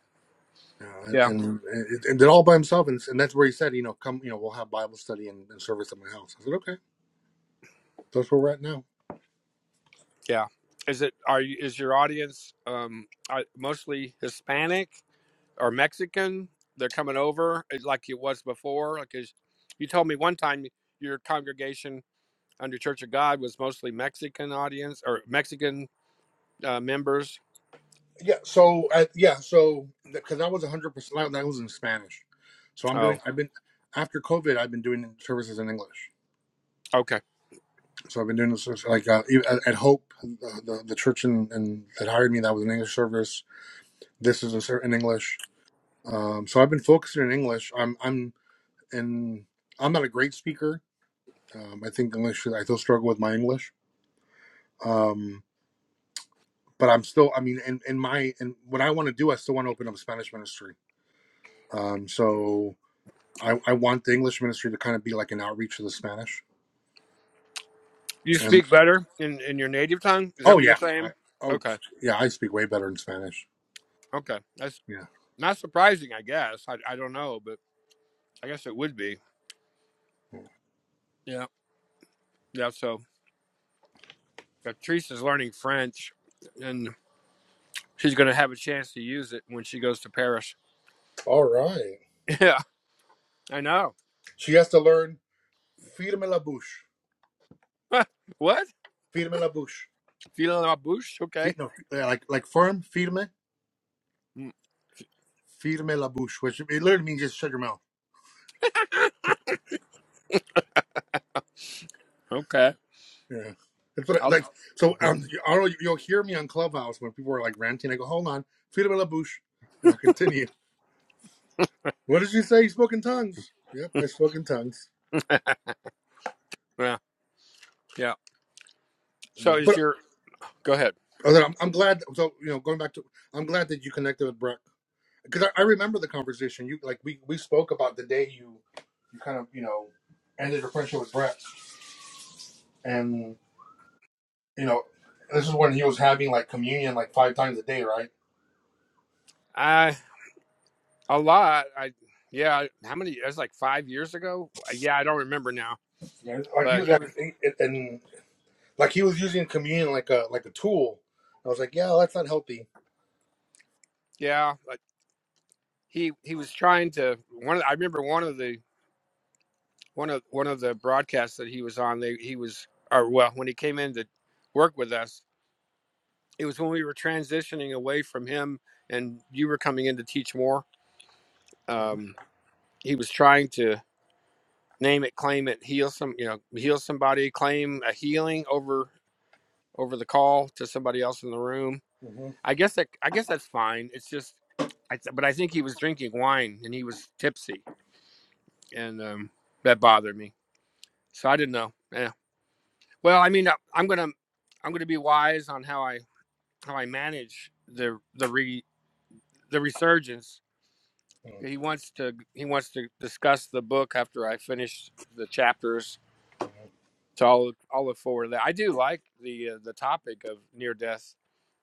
[SPEAKER 2] yeah.
[SPEAKER 1] yeah,
[SPEAKER 2] and and, and did all by himself, and, and that's where he said, you know, come, you know, we'll have Bible study and, and service at my house. I said, okay, so that's where we're at now.
[SPEAKER 1] yeah. Is it are you, is your audience um are mostly Hispanic or Mexican? They're coming over eh, like it was before. Like is, you told me one time, your congregation under Church of God was mostly Mexican audience or Mexican uh, members.
[SPEAKER 2] Yeah, so I, yeah, so because I was hundred percent, that was in Spanish, so I'm doing.
[SPEAKER 1] Oh,
[SPEAKER 2] I've been after COVID, I've been doing services in English.
[SPEAKER 1] okay.
[SPEAKER 2] So I've been doing this like uh, even at, at Hope, uh, the the church in, in, that hired me. That was an English service. This is a, ser- in English. Um, so I've been focusing in English. I'm I'm and I'm not a great speaker, Um, I think English, I still struggle with my English. Um, but I'm still, I mean, in, in my, in what I want to do, I still want to open up a Spanish ministry. Um, so I, I want the English ministry to kind of be like an outreach to the Spanish.
[SPEAKER 1] You
[SPEAKER 2] And
[SPEAKER 1] speak better in in your native tongue. Is that
[SPEAKER 2] oh,
[SPEAKER 1] what you're
[SPEAKER 2] yeah. I,
[SPEAKER 1] saying?
[SPEAKER 2] oh,
[SPEAKER 1] Okay,
[SPEAKER 2] yeah. I speak way better in Spanish.
[SPEAKER 1] okay, that's
[SPEAKER 2] Yeah.
[SPEAKER 1] Not surprising, I guess. I, I don't know, but I guess it would be. Yeah. Yeah. So Patrice is learning French and she's going to have a chance to use it when she goes to Paris.
[SPEAKER 2] All right.
[SPEAKER 1] Yeah. I know.
[SPEAKER 2] She has to learn firme la bouche.
[SPEAKER 1] what?
[SPEAKER 2] Firme la bouche.
[SPEAKER 1] Feeling la bouche? Okay.
[SPEAKER 2] Fi- no, yeah, like, like firm, firme,
[SPEAKER 1] Mm,
[SPEAKER 2] firme la bouche, which it literally means just shut your mouth
[SPEAKER 1] Okay.
[SPEAKER 2] Yeah. That's what I,
[SPEAKER 1] I'll,
[SPEAKER 2] like. So um, you, Arlo, you- you'll hear me on Clubhouse when people are like ranting. I go, hold on, Felipe La and I'll continue. What did you say? You spoke in tongues. Yep, I spoke in tongues.
[SPEAKER 1] yeah. Yeah. So
[SPEAKER 2] Yeah,
[SPEAKER 1] is
[SPEAKER 2] but
[SPEAKER 1] your, go ahead.
[SPEAKER 2] other, I'm, I'm glad. So you know, going back to, I'm glad that you connected with Brett because I, I remember the conversation. You like we we spoke about the day you you kind of you know ended your friendship with Brett, and you know this is when he was having like communion like five times a day, right?
[SPEAKER 1] I, a lot. I, yeah. How many? That's like five years ago. Uh, Yeah. I don't remember now,
[SPEAKER 2] Yeah. Like
[SPEAKER 1] but
[SPEAKER 2] you
[SPEAKER 1] he was,
[SPEAKER 2] and, Like he was using communion like a like a tool. I was like, yeah, well, that's not healthy.
[SPEAKER 1] yeah. Like he, he was trying to, one of the, I remember one of the one of one of the broadcasts that he was on they he was or well when he came in to work with us it was when we were transitioning away from him and you were coming in to teach more
[SPEAKER 2] hmm
[SPEAKER 1] um, he was trying to name it claim it heal some you know heal somebody claim a healing over over the call to somebody else in the room
[SPEAKER 2] hmm
[SPEAKER 1] i guess that i guess that's fine it's just I th- but i think he was drinking wine and he was tipsy and um, that bothered me so i didn't know Eh, Well, I mean, I- am gonna I'm gonna be wise on how I how I manage the the re the resurgence. He wants to he wants to discuss the book after I finish the chapters. So I'll I'll look forward to that. I do like the uh, the topic of near death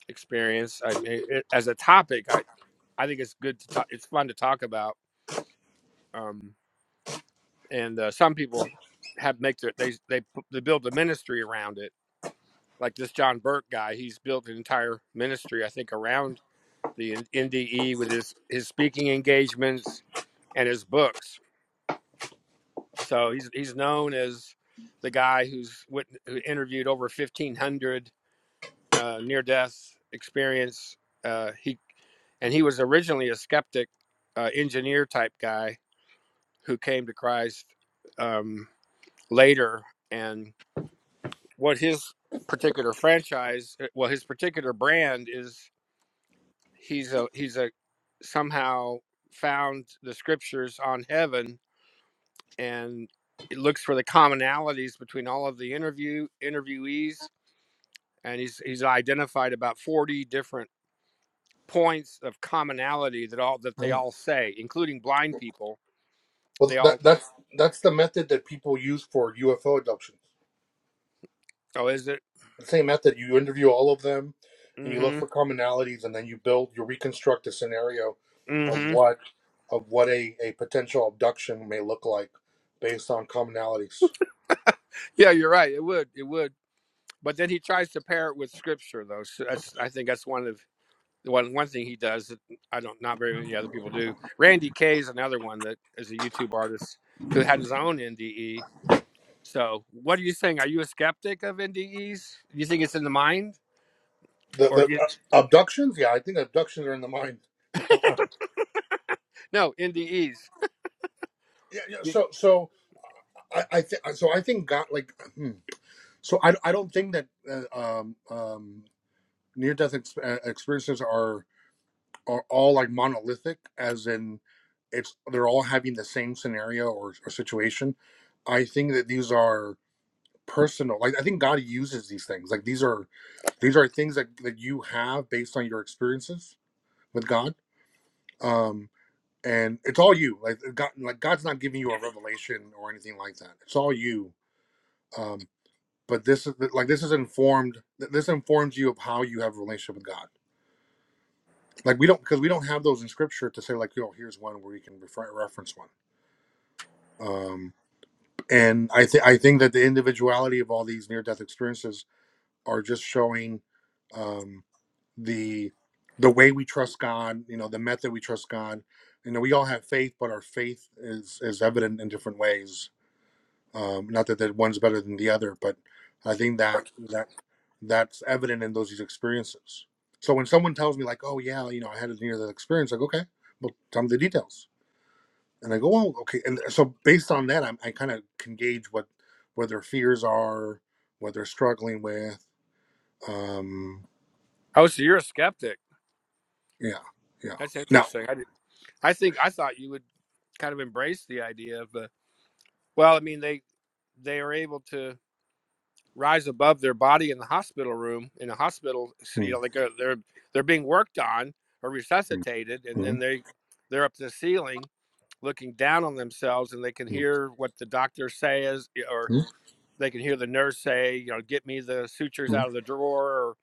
[SPEAKER 1] experience. I mean, it, as a topic, I I think it's good to talk. It's fun to talk about. Um, and uh, some people have make their they they pu- they build a ministry around it. Like this John Burke guy, he's built an entire ministry, I think, around the NDE with his his speaking engagements and his books. So he's he's known as the guy who's who interviewed over fifteen hundred uh, near death experience. Uh, he and he was originally a skeptic, uh, engineer type guy who came to Christ um, later. And what his particular franchise, uh, well, his particular brand is he's a he's a somehow found the scriptures on heaven and it looks for the commonalities between all of the interview interviewees and he's he's identified about 40 different points of commonality that all that they all say including blind people
[SPEAKER 2] Well,
[SPEAKER 1] they
[SPEAKER 2] that
[SPEAKER 1] all
[SPEAKER 2] that's that's the method that people use for UFO abductions.
[SPEAKER 1] oh is it
[SPEAKER 2] The same method. You interview all of them, and
[SPEAKER 1] mm
[SPEAKER 2] you look for
[SPEAKER 1] mhm
[SPEAKER 2] commonalities, and then you build, you reconstruct a scenario
[SPEAKER 1] mm
[SPEAKER 2] of
[SPEAKER 1] mhm
[SPEAKER 2] what of what a, a potential abduction may look like based on commonalities.
[SPEAKER 1] yeah you're right it would it would but then he tries to pair it with scripture though so that's i think that's one of one one thing he does that I don't not very many other people do. Randy K is another one that is a YouTube artist who had his own NDE. So what are you saying? Are you a skeptic of NDEs? Do you think it's in the mind,
[SPEAKER 2] The
[SPEAKER 1] or
[SPEAKER 2] the
[SPEAKER 1] do you
[SPEAKER 2] uh, abductions, yeah, I think abductions are in the mind. No, uh,
[SPEAKER 1] no NDEs?
[SPEAKER 2] yeah, yeah.
[SPEAKER 1] You-
[SPEAKER 2] So so I I think so I think God like. Hmm. So I, I don't think that uh, um, um, near death ex- uh, experiences are are all like monolithic, as in it's they're all having the same scenario or, or situation. I think that these are personal. Like I think God uses these things. Like these are these are things that that you have based on your experiences with God. Um, and it's all you. Like God, like God's not giving you a revelation or anything like that. It's all you. Um, but this is like this is informed this informs you of how you have a relationship with god like we don't because we don't have those in scripture to say like you know here's one where you can refer, reference one um and i think i think that the individuality of all these near death experiences are just showing um the the way we trust god you know the method we trust god you know we all have faith but our faith is is evident in different ways Um, not that that one's better than the other, but I think that that that's evident in those experiences. So when someone tells me like, "Oh yeah, you know, I had a near that experience," like, "Okay, well, tell me the details," and I go, "Oh, okay." And so based on that, I'm, I kind of can gauge what what their fears are, what they're struggling with. Um,
[SPEAKER 1] Oh, so you're a skeptic.
[SPEAKER 2] yeah, yeah.
[SPEAKER 1] That's
[SPEAKER 2] No.
[SPEAKER 1] interesting. I did, I think I thought you would kind of embrace the idea of the. Well, I mean they they are able to. rise above their body in the hospital room in the hospital you
[SPEAKER 2] Mm,
[SPEAKER 1] know they go they're they're being worked on or
[SPEAKER 2] mm,
[SPEAKER 1] resuscitated and
[SPEAKER 2] mm,
[SPEAKER 1] then they they're up to the ceiling looking down on themselves and they can
[SPEAKER 2] mm,
[SPEAKER 1] hear what the doctor says or
[SPEAKER 2] mm,
[SPEAKER 1] they can hear the nurse say you know get me the sutures
[SPEAKER 2] mm,
[SPEAKER 1] out of the drawer or,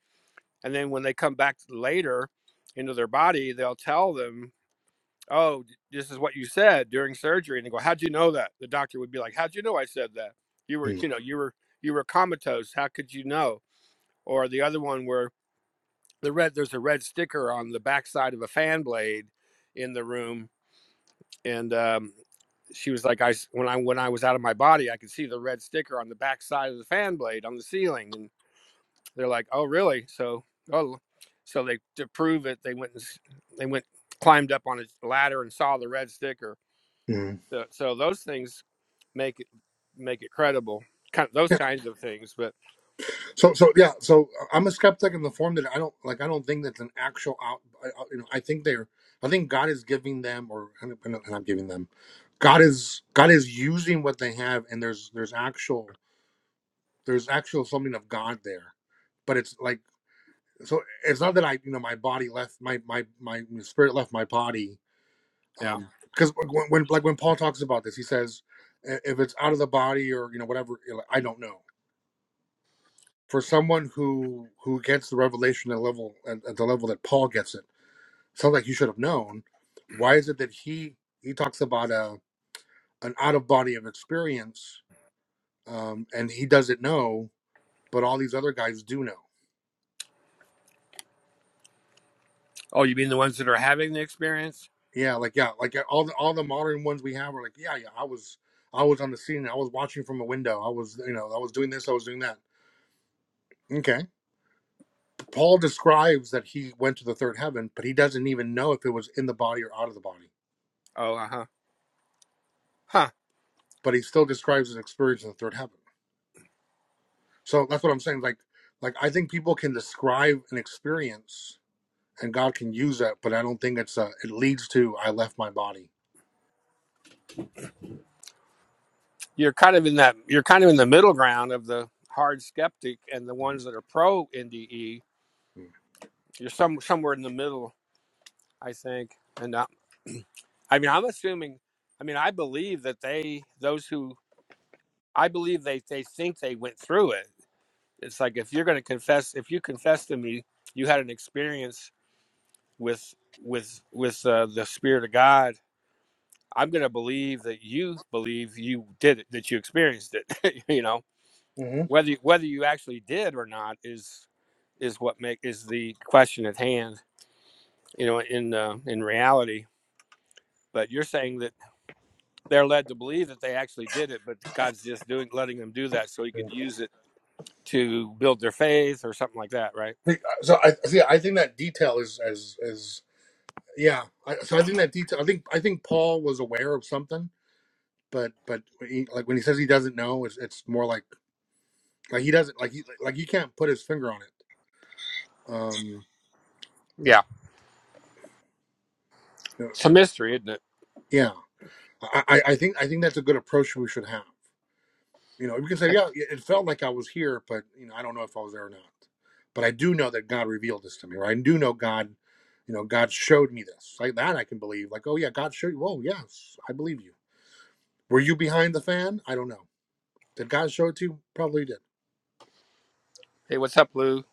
[SPEAKER 1] and then when they come back later into their body they'll tell them oh this is what you said during surgery and they go how'd you know that the doctor would be like how'd you know i said that you were
[SPEAKER 2] mm, mm.
[SPEAKER 1] you know you were you were comatose how could you know or the other one where the red there's a red sticker on the backside of a fan blade in the room and um, she was like I when i when i was out of my body i could see the red sticker on the backside of the fan blade on the ceiling and they're like oh really so oh so they to prove it they went and, they went climbed up on a ladder and saw the red sticker
[SPEAKER 2] Yeah.
[SPEAKER 1] so, so those things make it make it credible kind of those kinds of things but
[SPEAKER 2] So, so yeah, so uh, I'm a skeptic in the form that I don't like. I don't think that's an actual out. I, I- you know, I think they're. I think God is giving them, or and I'm and I'm giving them. God is God is using what they have, and there's there's actual there's actual something of God there, but it's like so. It's not that I you know my body left my my my spirit left my body.
[SPEAKER 1] yeah
[SPEAKER 2] Um, because when, when like when Paul talks about this, he says "I- if it's out of the body or you know whatever, you know, I don't know for someone who who gets the revelation at level at, at the level that Paul gets it, sounds like he should have known. Why is it that he he talks about a an out of body of experience, um, and he doesn't know, but all these other guys do know.
[SPEAKER 1] oh you mean the ones that are having the experience
[SPEAKER 2] Yeah, like yeah, like uh, all the all the modern ones we have are like yeah yeah I was I was on the scene I was watching from a window I was you know I was doing this I was doing that. Okay, Paul describes that he went to the third heaven, but he doesn't even know if it was in the body or out of the body
[SPEAKER 1] oh uh-huh huh Huh.
[SPEAKER 2] but he still describes his experience in the third heaven. So that's what I'm saying. Like, like I think people can describe an experience, and God can use that, but I don't think it's a. It leads to I left my body.
[SPEAKER 1] you're kind of in that you're kind of in the middle ground of the hard skeptic and the ones that are pro NDE.
[SPEAKER 2] Mm-hmm.
[SPEAKER 1] You're some somewhere in the middle, I think. And uh, I mean, I'm assuming. I mean, I believe that they those who I believe they they think they went through it. It's like if you're going to confess, if you confess to me, you had an experience with with with uh, the spirit of God. I'm going to believe that you believe you did it, that you experienced it. you know, whether you, whether you actually did or not is is what make is the question at hand you know in uh, in reality but you're saying that they're led to believe that they actually did it but god's just doing letting them do that so he could use it to build their faith or something like that right
[SPEAKER 2] So I see. I think that detail is is is yeah. I, so I think that detail. I think I think Paul was aware of something, but but he, like when he says he doesn't know, it's it's more like like he doesn't like he like he can't put his finger on it. Um.
[SPEAKER 1] yeah it's a mystery isn't it
[SPEAKER 2] Yeah. I, I I think I think that's a good approach we should have. You know, we can say,
[SPEAKER 1] hey,
[SPEAKER 2] yeah, it felt like I was here, but you know, I don't know if I was there or not. But I do know that God revealed this to me, or I do know God, you know, God showed me this. Like that, I can believe. Like, oh yeah, God showed you. Whoa, yes, I believe you. Were you behind the fan? I don't know. Did God show it to you? Probably did.
[SPEAKER 1] hey what's up lou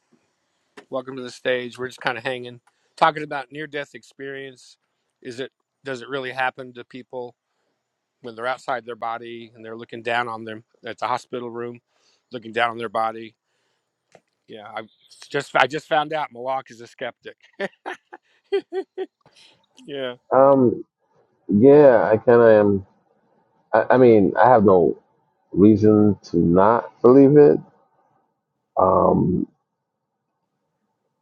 [SPEAKER 1] welcome to the stage we're just kind of hanging talking about near death experience is it does it really happen to people when they're outside their body and they're looking down on them at the hospital room, looking down on their body. Yeah, I just I just found out Malak is a skeptic. Yeah,
[SPEAKER 3] Um, yeah, I kind of am. I, I mean, I have no reason to not believe it. Um,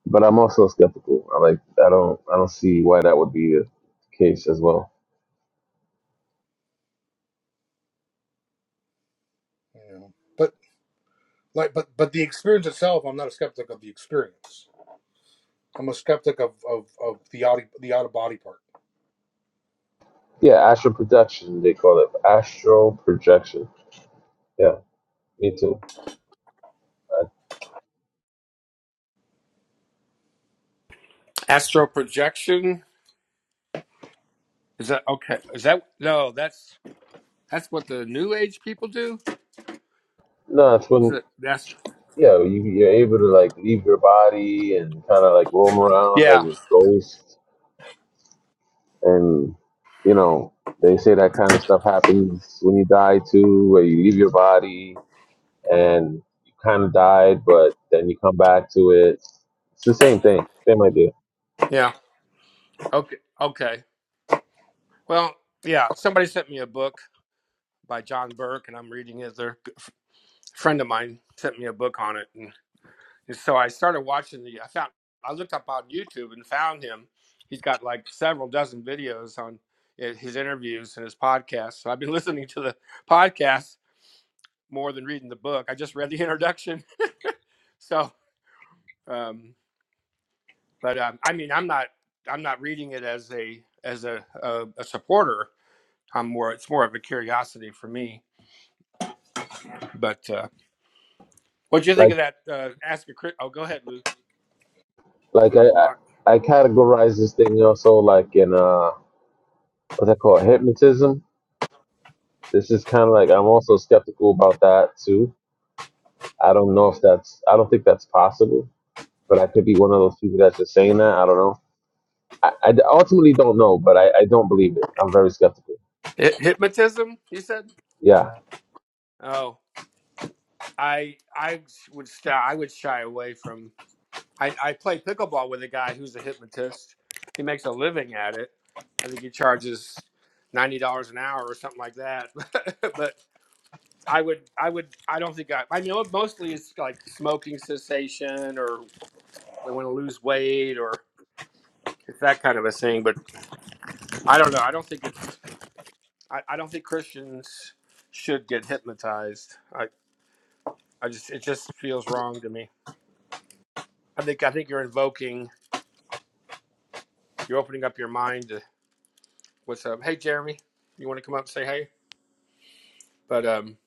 [SPEAKER 3] but I'm also skeptical. I like, I don't, I don't see why that would be the case as well.
[SPEAKER 2] You know, but like, but but the experience itself, I'm not a skeptic of the experience. I'm a skeptic of of, of the out the out of body part.
[SPEAKER 3] Yeah, astral projection. They call it astral projection. Yeah, me too. I,
[SPEAKER 1] astral projection is that okay? Is that no? That's that's what the New Age people do.
[SPEAKER 3] no, it's
[SPEAKER 1] Is
[SPEAKER 3] when
[SPEAKER 1] it that's
[SPEAKER 3] yeah, you, you're able to like leave your body and kind of like roam around
[SPEAKER 1] yeah
[SPEAKER 3] as a ghost, and you know they say that kind of stuff happens when you die too, where you leave your body and you kind of died, but then you come back to it. It's the same thing, same idea.
[SPEAKER 1] yeah okay okay well yeah somebody sent me a book by John Burke and I'm reading it. They're a friend of mine sent me a book on it and. And so I started watching the. I found I looked up on YouTube and found him. He's got like several dozen videos on eh, his interviews and his podcasts. So I've been listening to the podcast more than reading the book. I just read the introduction. So, um, but um, I mean, I'm not I'm not reading it as a as a, a, a supporter. I'm more. It's more of a curiosity for me. But uh, what do you think
[SPEAKER 3] Like
[SPEAKER 1] of that? Uh, ask a crit. Oh, go ahead, Lou
[SPEAKER 3] like
[SPEAKER 1] or
[SPEAKER 3] I I,
[SPEAKER 1] Malak.
[SPEAKER 3] I categorize this thing also like in uh what's that called hypnotism. This is kind of like I'm also skeptical about that too. I don't know if that's I don't think that's possible, but I could be one of those people that's just saying that. I don't know. I, I ultimately don't know, but I, I don't believe it. I'm very skeptical.
[SPEAKER 1] hypnotism. You said.
[SPEAKER 3] Yeah.
[SPEAKER 1] Oh. I I would stay, I would shy away from. I I play pickleball with a guy who's a hypnotist. He makes a living at it. I think he charges ninety dollars an hour or something like that. but I would I would I don't think I I know it mostly it's like smoking cessation or they want to lose weight or it's that kind of a thing. But I don't know. I don't think it's I, I don't think Christians should get hypnotized. I I just it just feels wrong to me. I think I think you're invoking you're opening up your mind to what's up. Hey, Jeremy, you want to come up and say hey? But um,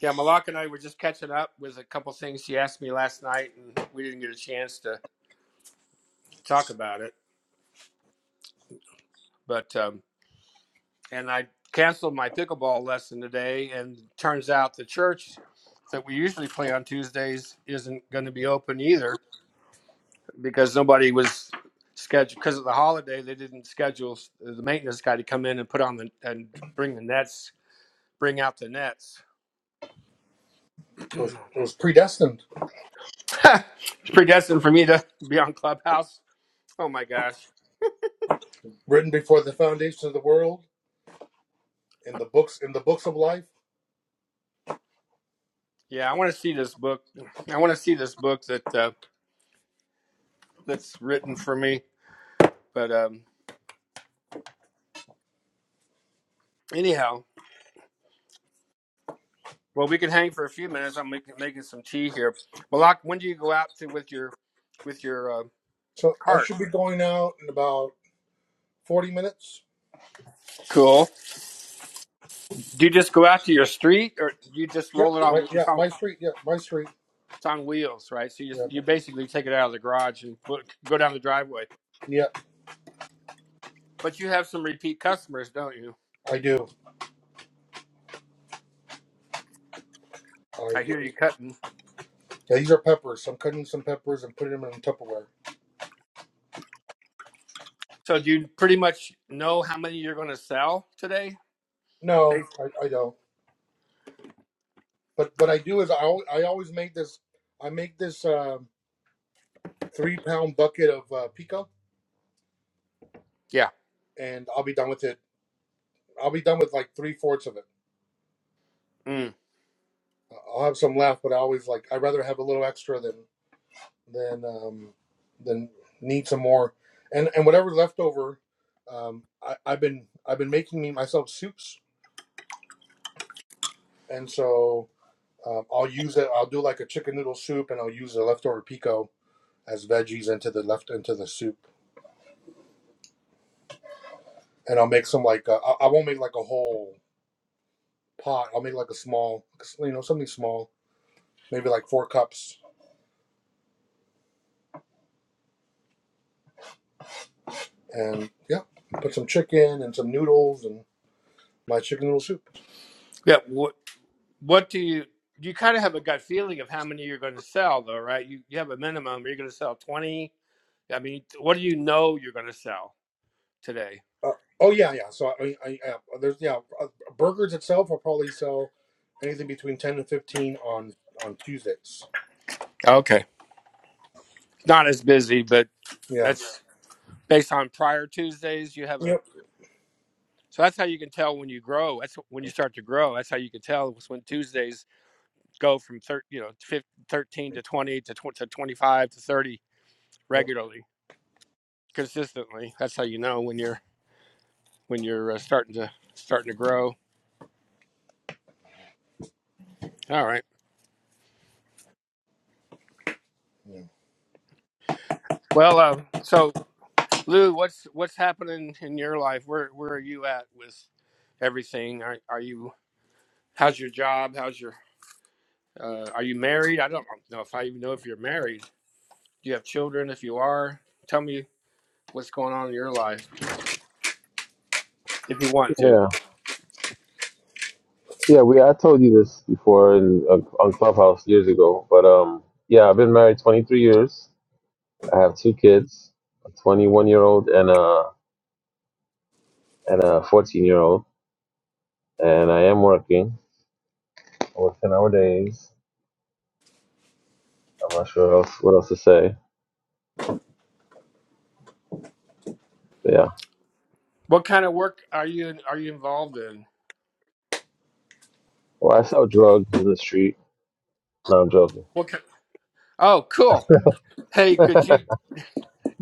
[SPEAKER 1] yeah, Malak and I were just catching up with a couple things she asked me last night, and we didn't get a chance to talk about it. But um, and I canceled my pickleball lesson today, and turns out the church that we usually play on Tuesdays isn't going to be open either because nobody was scheduled because of the holiday. They didn't schedule the maintenance guy to come in and put on the and bring the nets, bring out the nets.
[SPEAKER 2] It was, it was predestined,
[SPEAKER 1] it's predestined for me to be on Clubhouse. Oh my gosh.
[SPEAKER 2] written before the foundation of the world in the books in the books of life
[SPEAKER 1] Yeah, I want to see this book. I want to see this book that uh, that's written for me. But um, anyhow, well, we can hang for a few minutes. I'm making, making some tea here. Malak, when do you go out to with your with your uh,
[SPEAKER 2] So I
[SPEAKER 1] cart?
[SPEAKER 2] should be going out in about forty minutes.
[SPEAKER 1] Cool. Do you just go out to your street, or do you just
[SPEAKER 2] Yep.
[SPEAKER 1] roll it
[SPEAKER 2] My
[SPEAKER 1] on?
[SPEAKER 2] yeah,
[SPEAKER 1] It's on
[SPEAKER 2] my street. Yeah, my street.
[SPEAKER 1] it's on wheels, right? So you just
[SPEAKER 2] Yeah,
[SPEAKER 1] you basically take it out of the garage and put go down the driveway.
[SPEAKER 2] yeah.
[SPEAKER 1] But you have some repeat customers, don't you?
[SPEAKER 2] I do. I
[SPEAKER 1] I
[SPEAKER 2] do.
[SPEAKER 1] hear you cutting.
[SPEAKER 2] Yeah, these are peppers. I'm cutting some peppers and putting them in Tupperware.
[SPEAKER 1] So do you pretty much know how many you're going to sell today? They-
[SPEAKER 2] No, I, I don't. But what I do is I al- I always make this. I make this um three pound bucket of uh, pico,
[SPEAKER 1] Yeah.
[SPEAKER 2] and I'll be done with it. I'll be done with like three fourths of it.
[SPEAKER 1] Mm.
[SPEAKER 2] I'll have some left, but I always like. I'd rather have a little extra than then um, then need some more, and and whatever leftover, um, I, I've been I've been making me myself soups, and so um, I'll use it. I'll do like a chicken noodle soup, and I'll use the leftover pico as veggies into the left into the soup, and I'll make some like uh, I I won't make like a whole pot. I'll make like a small, like, you know, something small, maybe like four cups, and yeah, put some chicken and some noodles and my chicken noodle soup.
[SPEAKER 1] Yeah. What What do you? You kind of have a gut feeling of how many you're going to sell, though, right? You you have a minimum. You're going to sell twenty. I mean, what do you know you're going to sell today?
[SPEAKER 2] Uh, oh yeah, yeah. So I, I, I uh, there's yeah, uh, burgers itself will probably sell anything between ten and fifteen on on Tuesdays.
[SPEAKER 1] Okay. Not as busy, but
[SPEAKER 2] Yeah.
[SPEAKER 1] that's based on prior Tuesdays. You have a
[SPEAKER 2] Yep.
[SPEAKER 1] so that's how you can tell when you grow. That's when you start to grow. That's how you can tell is when Tuesdays go from thir- you know fif- thirteen to twenty to tw- to twenty five to thirty
[SPEAKER 2] Yep.
[SPEAKER 1] regularly. consistently. That's how you know when you're when you're uh, starting to starting to grow. All right.
[SPEAKER 2] Yeah.
[SPEAKER 1] Well, uh, so Lou, what's what's happening in your life? Where where are you at with everything? Are are you? How's your job? How's your? Uh, are you married? I don't know if I even know if you're married. Do you have children? If you are, tell me what's going on in your life if you want to.
[SPEAKER 3] Yeah. Yeah, we I told you this before in, on on Clubhouse years ago, but um, yeah, I've been married 23 years. I have two kids, a 21 year old and a and a 14 year old, and I am working. I work 10 hour days. I'm not sure else what else to say. But yeah,
[SPEAKER 1] What kind of work are you are you involved in?
[SPEAKER 3] well, I sell drugs in the street. No, I'm joking.
[SPEAKER 1] What? Kind, oh, cool. Hey, could you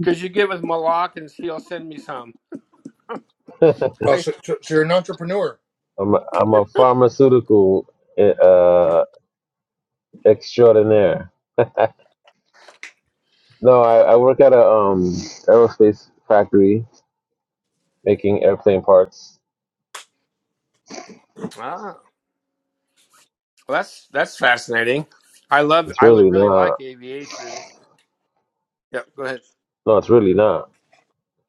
[SPEAKER 1] could you get with Malak and he'll send me some?
[SPEAKER 2] Oh, so, so, so you're an entrepreneur.
[SPEAKER 3] I'm a, I'm a pharmaceutical eh, uh extraordinaire. No, I, I work at a um aerospace factory making airplane parts.
[SPEAKER 1] Ah, well, that's that's fascinating. I love.
[SPEAKER 3] It's
[SPEAKER 1] I li-
[SPEAKER 3] really
[SPEAKER 1] really like
[SPEAKER 3] not.
[SPEAKER 1] aviation. Yep. Go ahead.
[SPEAKER 3] No, it's really not.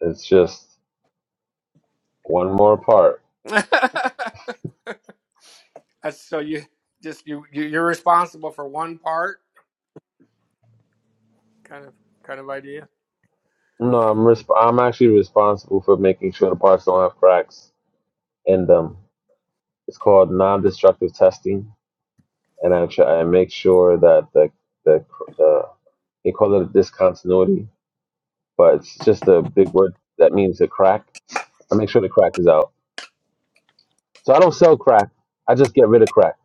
[SPEAKER 3] It's just one more part.
[SPEAKER 1] that's, so you just you you- you're responsible for one part, kind of kind of idea.
[SPEAKER 3] No, I'm resp- I'm actually responsible for making sure the parts don't have cracks in them. It's called non-destructive testing, and I try I make sure that the the cr- the they call it a discontinuity, but it's just a big word that means a crack. I make sure the crack is out. So I don't sell crack. I just get rid of crack.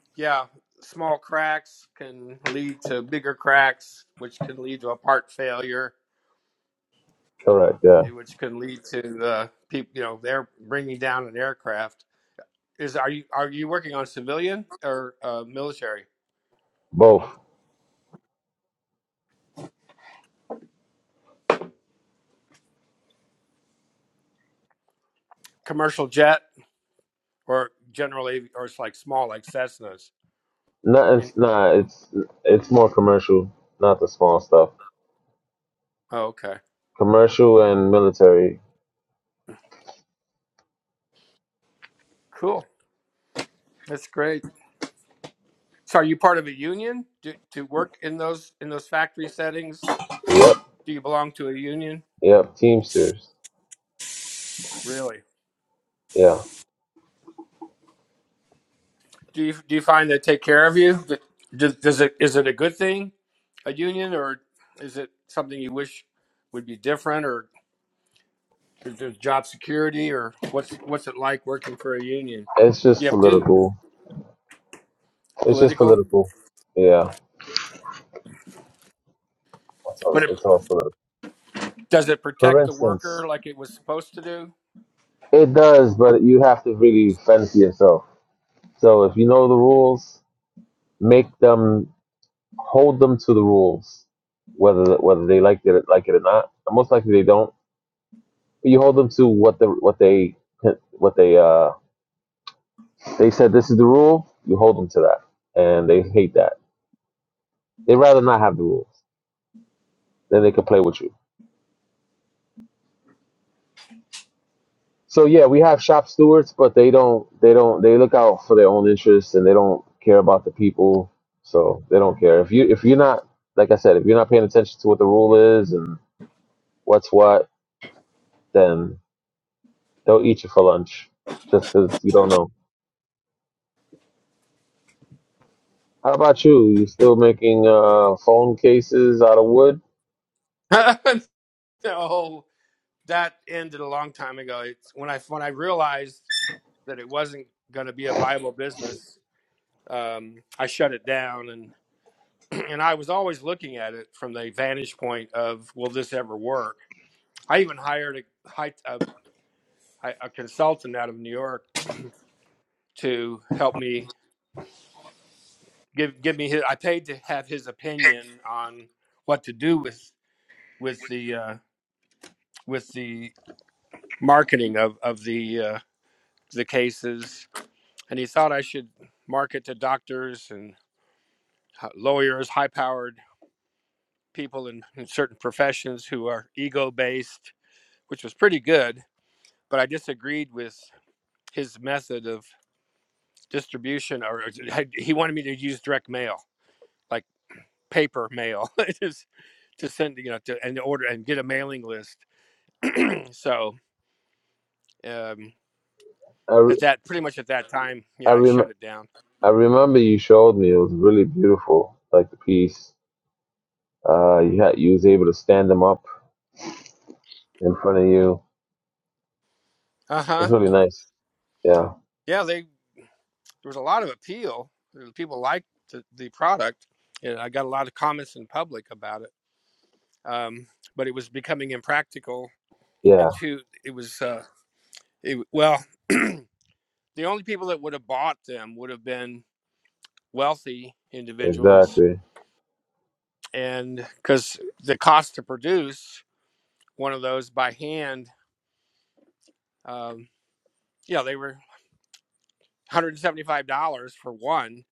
[SPEAKER 1] yeah, small cracks can lead to bigger cracks, which can lead to a part failure,
[SPEAKER 3] Correct. Yeah.
[SPEAKER 1] eh, which can lead to the people. You know, they're bringing down an aircraft. Is are you are you working on civilian or uh, military?
[SPEAKER 3] Both.
[SPEAKER 1] Commercial jet. or generally, or it's like small like Cessnas.
[SPEAKER 3] No,
[SPEAKER 1] And,
[SPEAKER 3] it's not. It's it's more commercial, not the small stuff.
[SPEAKER 1] oh, okay,
[SPEAKER 3] Commercial and military.
[SPEAKER 1] cool. That's great. So, are you part of a union to, to work in those in those factory settings?
[SPEAKER 3] Yep,
[SPEAKER 1] Do you belong to a union?
[SPEAKER 3] yep. Teamsters.
[SPEAKER 1] Really?
[SPEAKER 3] Yeah,
[SPEAKER 1] Do you do you find they take care of you? Does, does it is it a good thing, a union, or is it something you wish would be different, or is there job security, or what's what's it like working for a union?
[SPEAKER 3] it's
[SPEAKER 1] You
[SPEAKER 3] just
[SPEAKER 1] have dues,
[SPEAKER 3] political. It's just
[SPEAKER 1] political,
[SPEAKER 3] political. Yeah, it's
[SPEAKER 1] but
[SPEAKER 3] all it's
[SPEAKER 1] it,
[SPEAKER 3] all political.
[SPEAKER 1] does it
[SPEAKER 3] For
[SPEAKER 1] protect the worker
[SPEAKER 3] instance,
[SPEAKER 1] like it was supposed to do?
[SPEAKER 3] it does, but you have to really fend for yourself. So if you know the rules, make them hold them to the rules, whether whether they like it like it or not. And Most likely they don't. But you hold them to what the what they what they uh They said this is the rule. You hold them to that, and they hate that. They'd rather not have the rules. Then they could play with you. So yeah, we have shop stewards, but they don't. They don't. They look out for their own interests, and they don't care about the people. So they don't care if you if you're not like I said, if you're not paying attention to what the rule is and what's what, then they'll eat you for lunch just because you don't know. How about you? You still making uh, phone cases out of wood?
[SPEAKER 1] no, that ended a long time ago. It's when I when I realized that it wasn't going to be a viable business. Um, I shut it down, and and I was always looking at it from the vantage point of will this ever work? I even hired a hi- a, a consultant out of New York to help me give give me his. I paid to have his opinion on what to do with with the uh, with the marketing of of the uh, the cases and he thought I should market to doctors and lawyers, high powered people in, in certain professions who are ego based, which was pretty good. But I disagreed with his method of distribution, or uh, he wanted me to use direct mail, like paper mail, just to send, you know, to, and order and get a mailing list. So um,
[SPEAKER 3] I, re-
[SPEAKER 1] at that, pretty much at that time,
[SPEAKER 3] I,
[SPEAKER 1] yeah, I
[SPEAKER 3] rem-
[SPEAKER 1] shut it down.
[SPEAKER 3] I remember you showed me. It was really beautiful, like the piece. Uh, you had you was able to stand them up in front of you.
[SPEAKER 1] Uh
[SPEAKER 3] It was
[SPEAKER 1] huh.
[SPEAKER 3] really nice. Yeah,
[SPEAKER 1] Yeah, they there was a lot of appeal. People liked the, the product, and I got a lot of comments in public about it. Um, but it was becoming impractical, and
[SPEAKER 3] yeah,
[SPEAKER 1] two, it was uh, it, well, the only people that would have bought them would have been wealthy individuals,
[SPEAKER 3] exactly.
[SPEAKER 1] and because the cost to produce one of those by hand, um, yeah, they were $175 for one,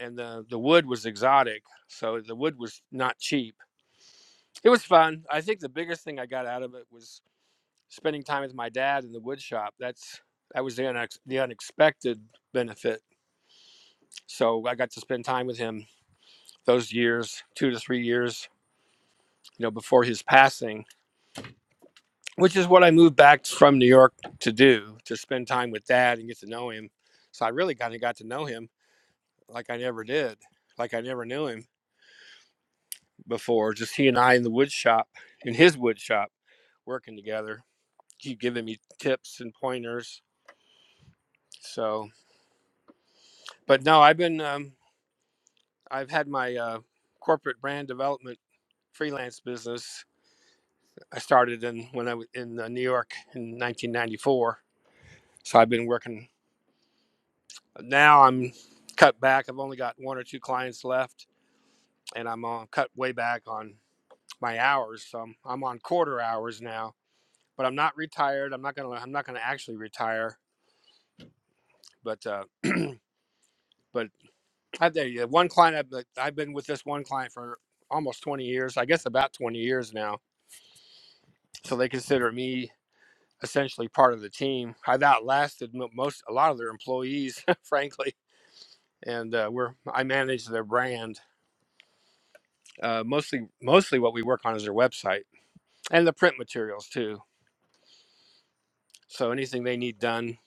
[SPEAKER 1] and the the wood was exotic, so the wood was not cheap It was fun. I think the biggest thing I got out of it was spending time with my dad in the wood shop. That's that was the, unex- the unexpected benefit. So I got to spend time with him those years, two to three years, you know, before his passing, which is what I moved back from New York to do, to spend time with dad and get to know him. So I really kind of got to know him like I never did, like I never knew him before. Just he and I in the wood shop, in his wood shop, working together. He giving me tips and pointers So, but no, I've been, um, I've had my uh, corporate brand development freelance business. I started in when I was in uh, New York in 1994. So I've been working. Now I'm cut back. I've only got one or two clients left, and I'm on cut way back on my hours. So I'm, I'm on quarter hours now. But I'm not retired. I'm not gonna. I'm not gonna actually retire. But uh, but I tell you, one client I've, I've been with this one client for almost 20 years. I guess about 20 years now so they consider me essentially part of the team. I've outlasted mo- most a lot of their employees, frankly, and uh, we're I manage their brand. Uh, mostly, mostly what we work on is their website and the print materials too. So anything they need done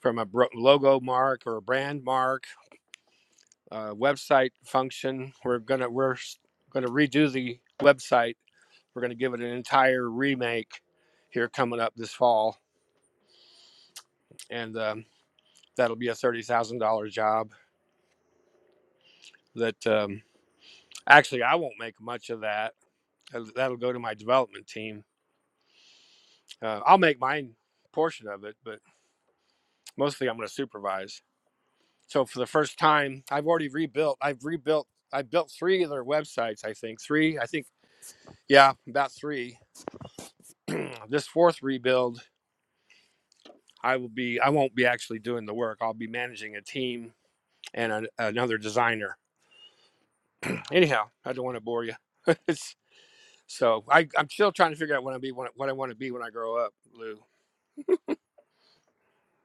[SPEAKER 1] from a bro- logo mark or a brand mark, uh, website function, we're gonna we're s- gonna redo the website. We're gonna give it an entire remake here coming up this fall, and um, that'll be a thirty thousand dollar job that. Um, Actually, I won't make much of that. That'll that'll go to my development team. Uh, I'll make my portion of it, but mostly I'm going to supervise. So for the first time, I've already rebuilt. I've rebuilt. I built three of their websites. I think three. I think yeah, about three. this fourth rebuild, I will be. I won't be actually doing the work. I'll be managing a team and a, another designer. Anyhow, I don't want to bore you. it's, so I, I'm still trying to figure out what I be, what I want to be when I grow up, Lou.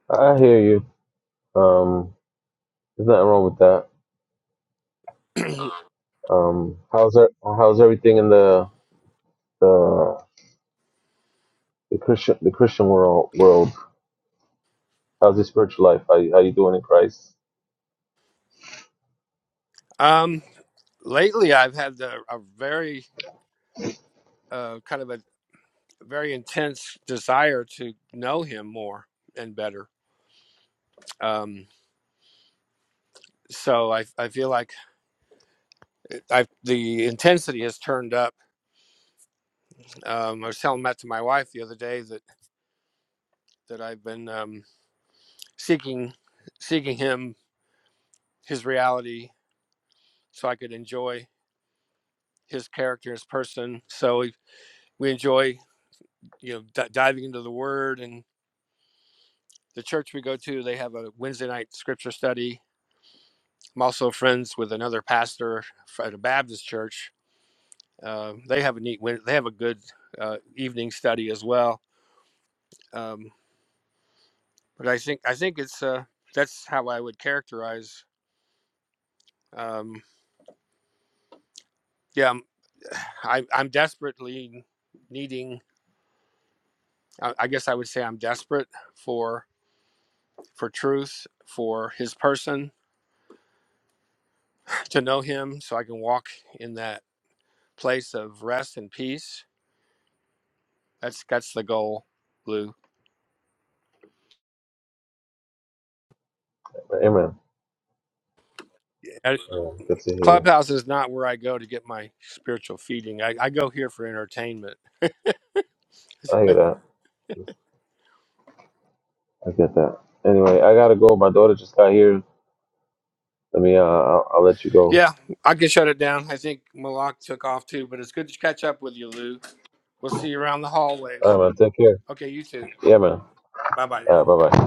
[SPEAKER 3] I hear you. Um, there's nothing wrong with that. Um, how's that, how's everything in the the the Christian the Christian world world? How's your spiritual life? How you, how you doing in Christ?
[SPEAKER 1] Um, lately I've had a, a very uh, kind of a very intense desire to know him more and better. Um, so I, I feel like I've, the intensity has turned up. Um, I was telling that to my wife the other day that that I've been um, seeking seeking him, his reality, so I could enjoy his character, his person. So we, we enjoy you know d- diving into the Word and the church we go to. They have a Wednesday night scripture study I'm also friends with another pastor at a Baptist church. Uh, they have a neat, win- they have a good uh, evening study as well. Um, but I think I think it's uh, that's how I would characterize. Um, yeah, I'm, I, I'm desperately needing. I I guess I would say I'm desperate for for truth, for His person, to know Him, so I can walk in that place of rest and peace. That's that's the goal, Lou.
[SPEAKER 3] Amen. Yeah, good to hear.
[SPEAKER 1] Clubhouse is not where I go to get my spiritual feeding. I, I go here for entertainment.
[SPEAKER 3] I hear that. I get that. Anyway, I gotta go. My daughter just got here. Let me. Uh, I'll, I'll let you go.
[SPEAKER 1] Yeah, I can shut it down. I think Malak took off too, but it's good to catch up with you, Lou. We'll see you around the
[SPEAKER 3] All
[SPEAKER 1] hallways.
[SPEAKER 3] right, man. Take care.
[SPEAKER 1] Okay, you too.
[SPEAKER 3] Yeah, man.
[SPEAKER 1] Bye bye
[SPEAKER 3] All
[SPEAKER 1] now.
[SPEAKER 3] right. Bye bye.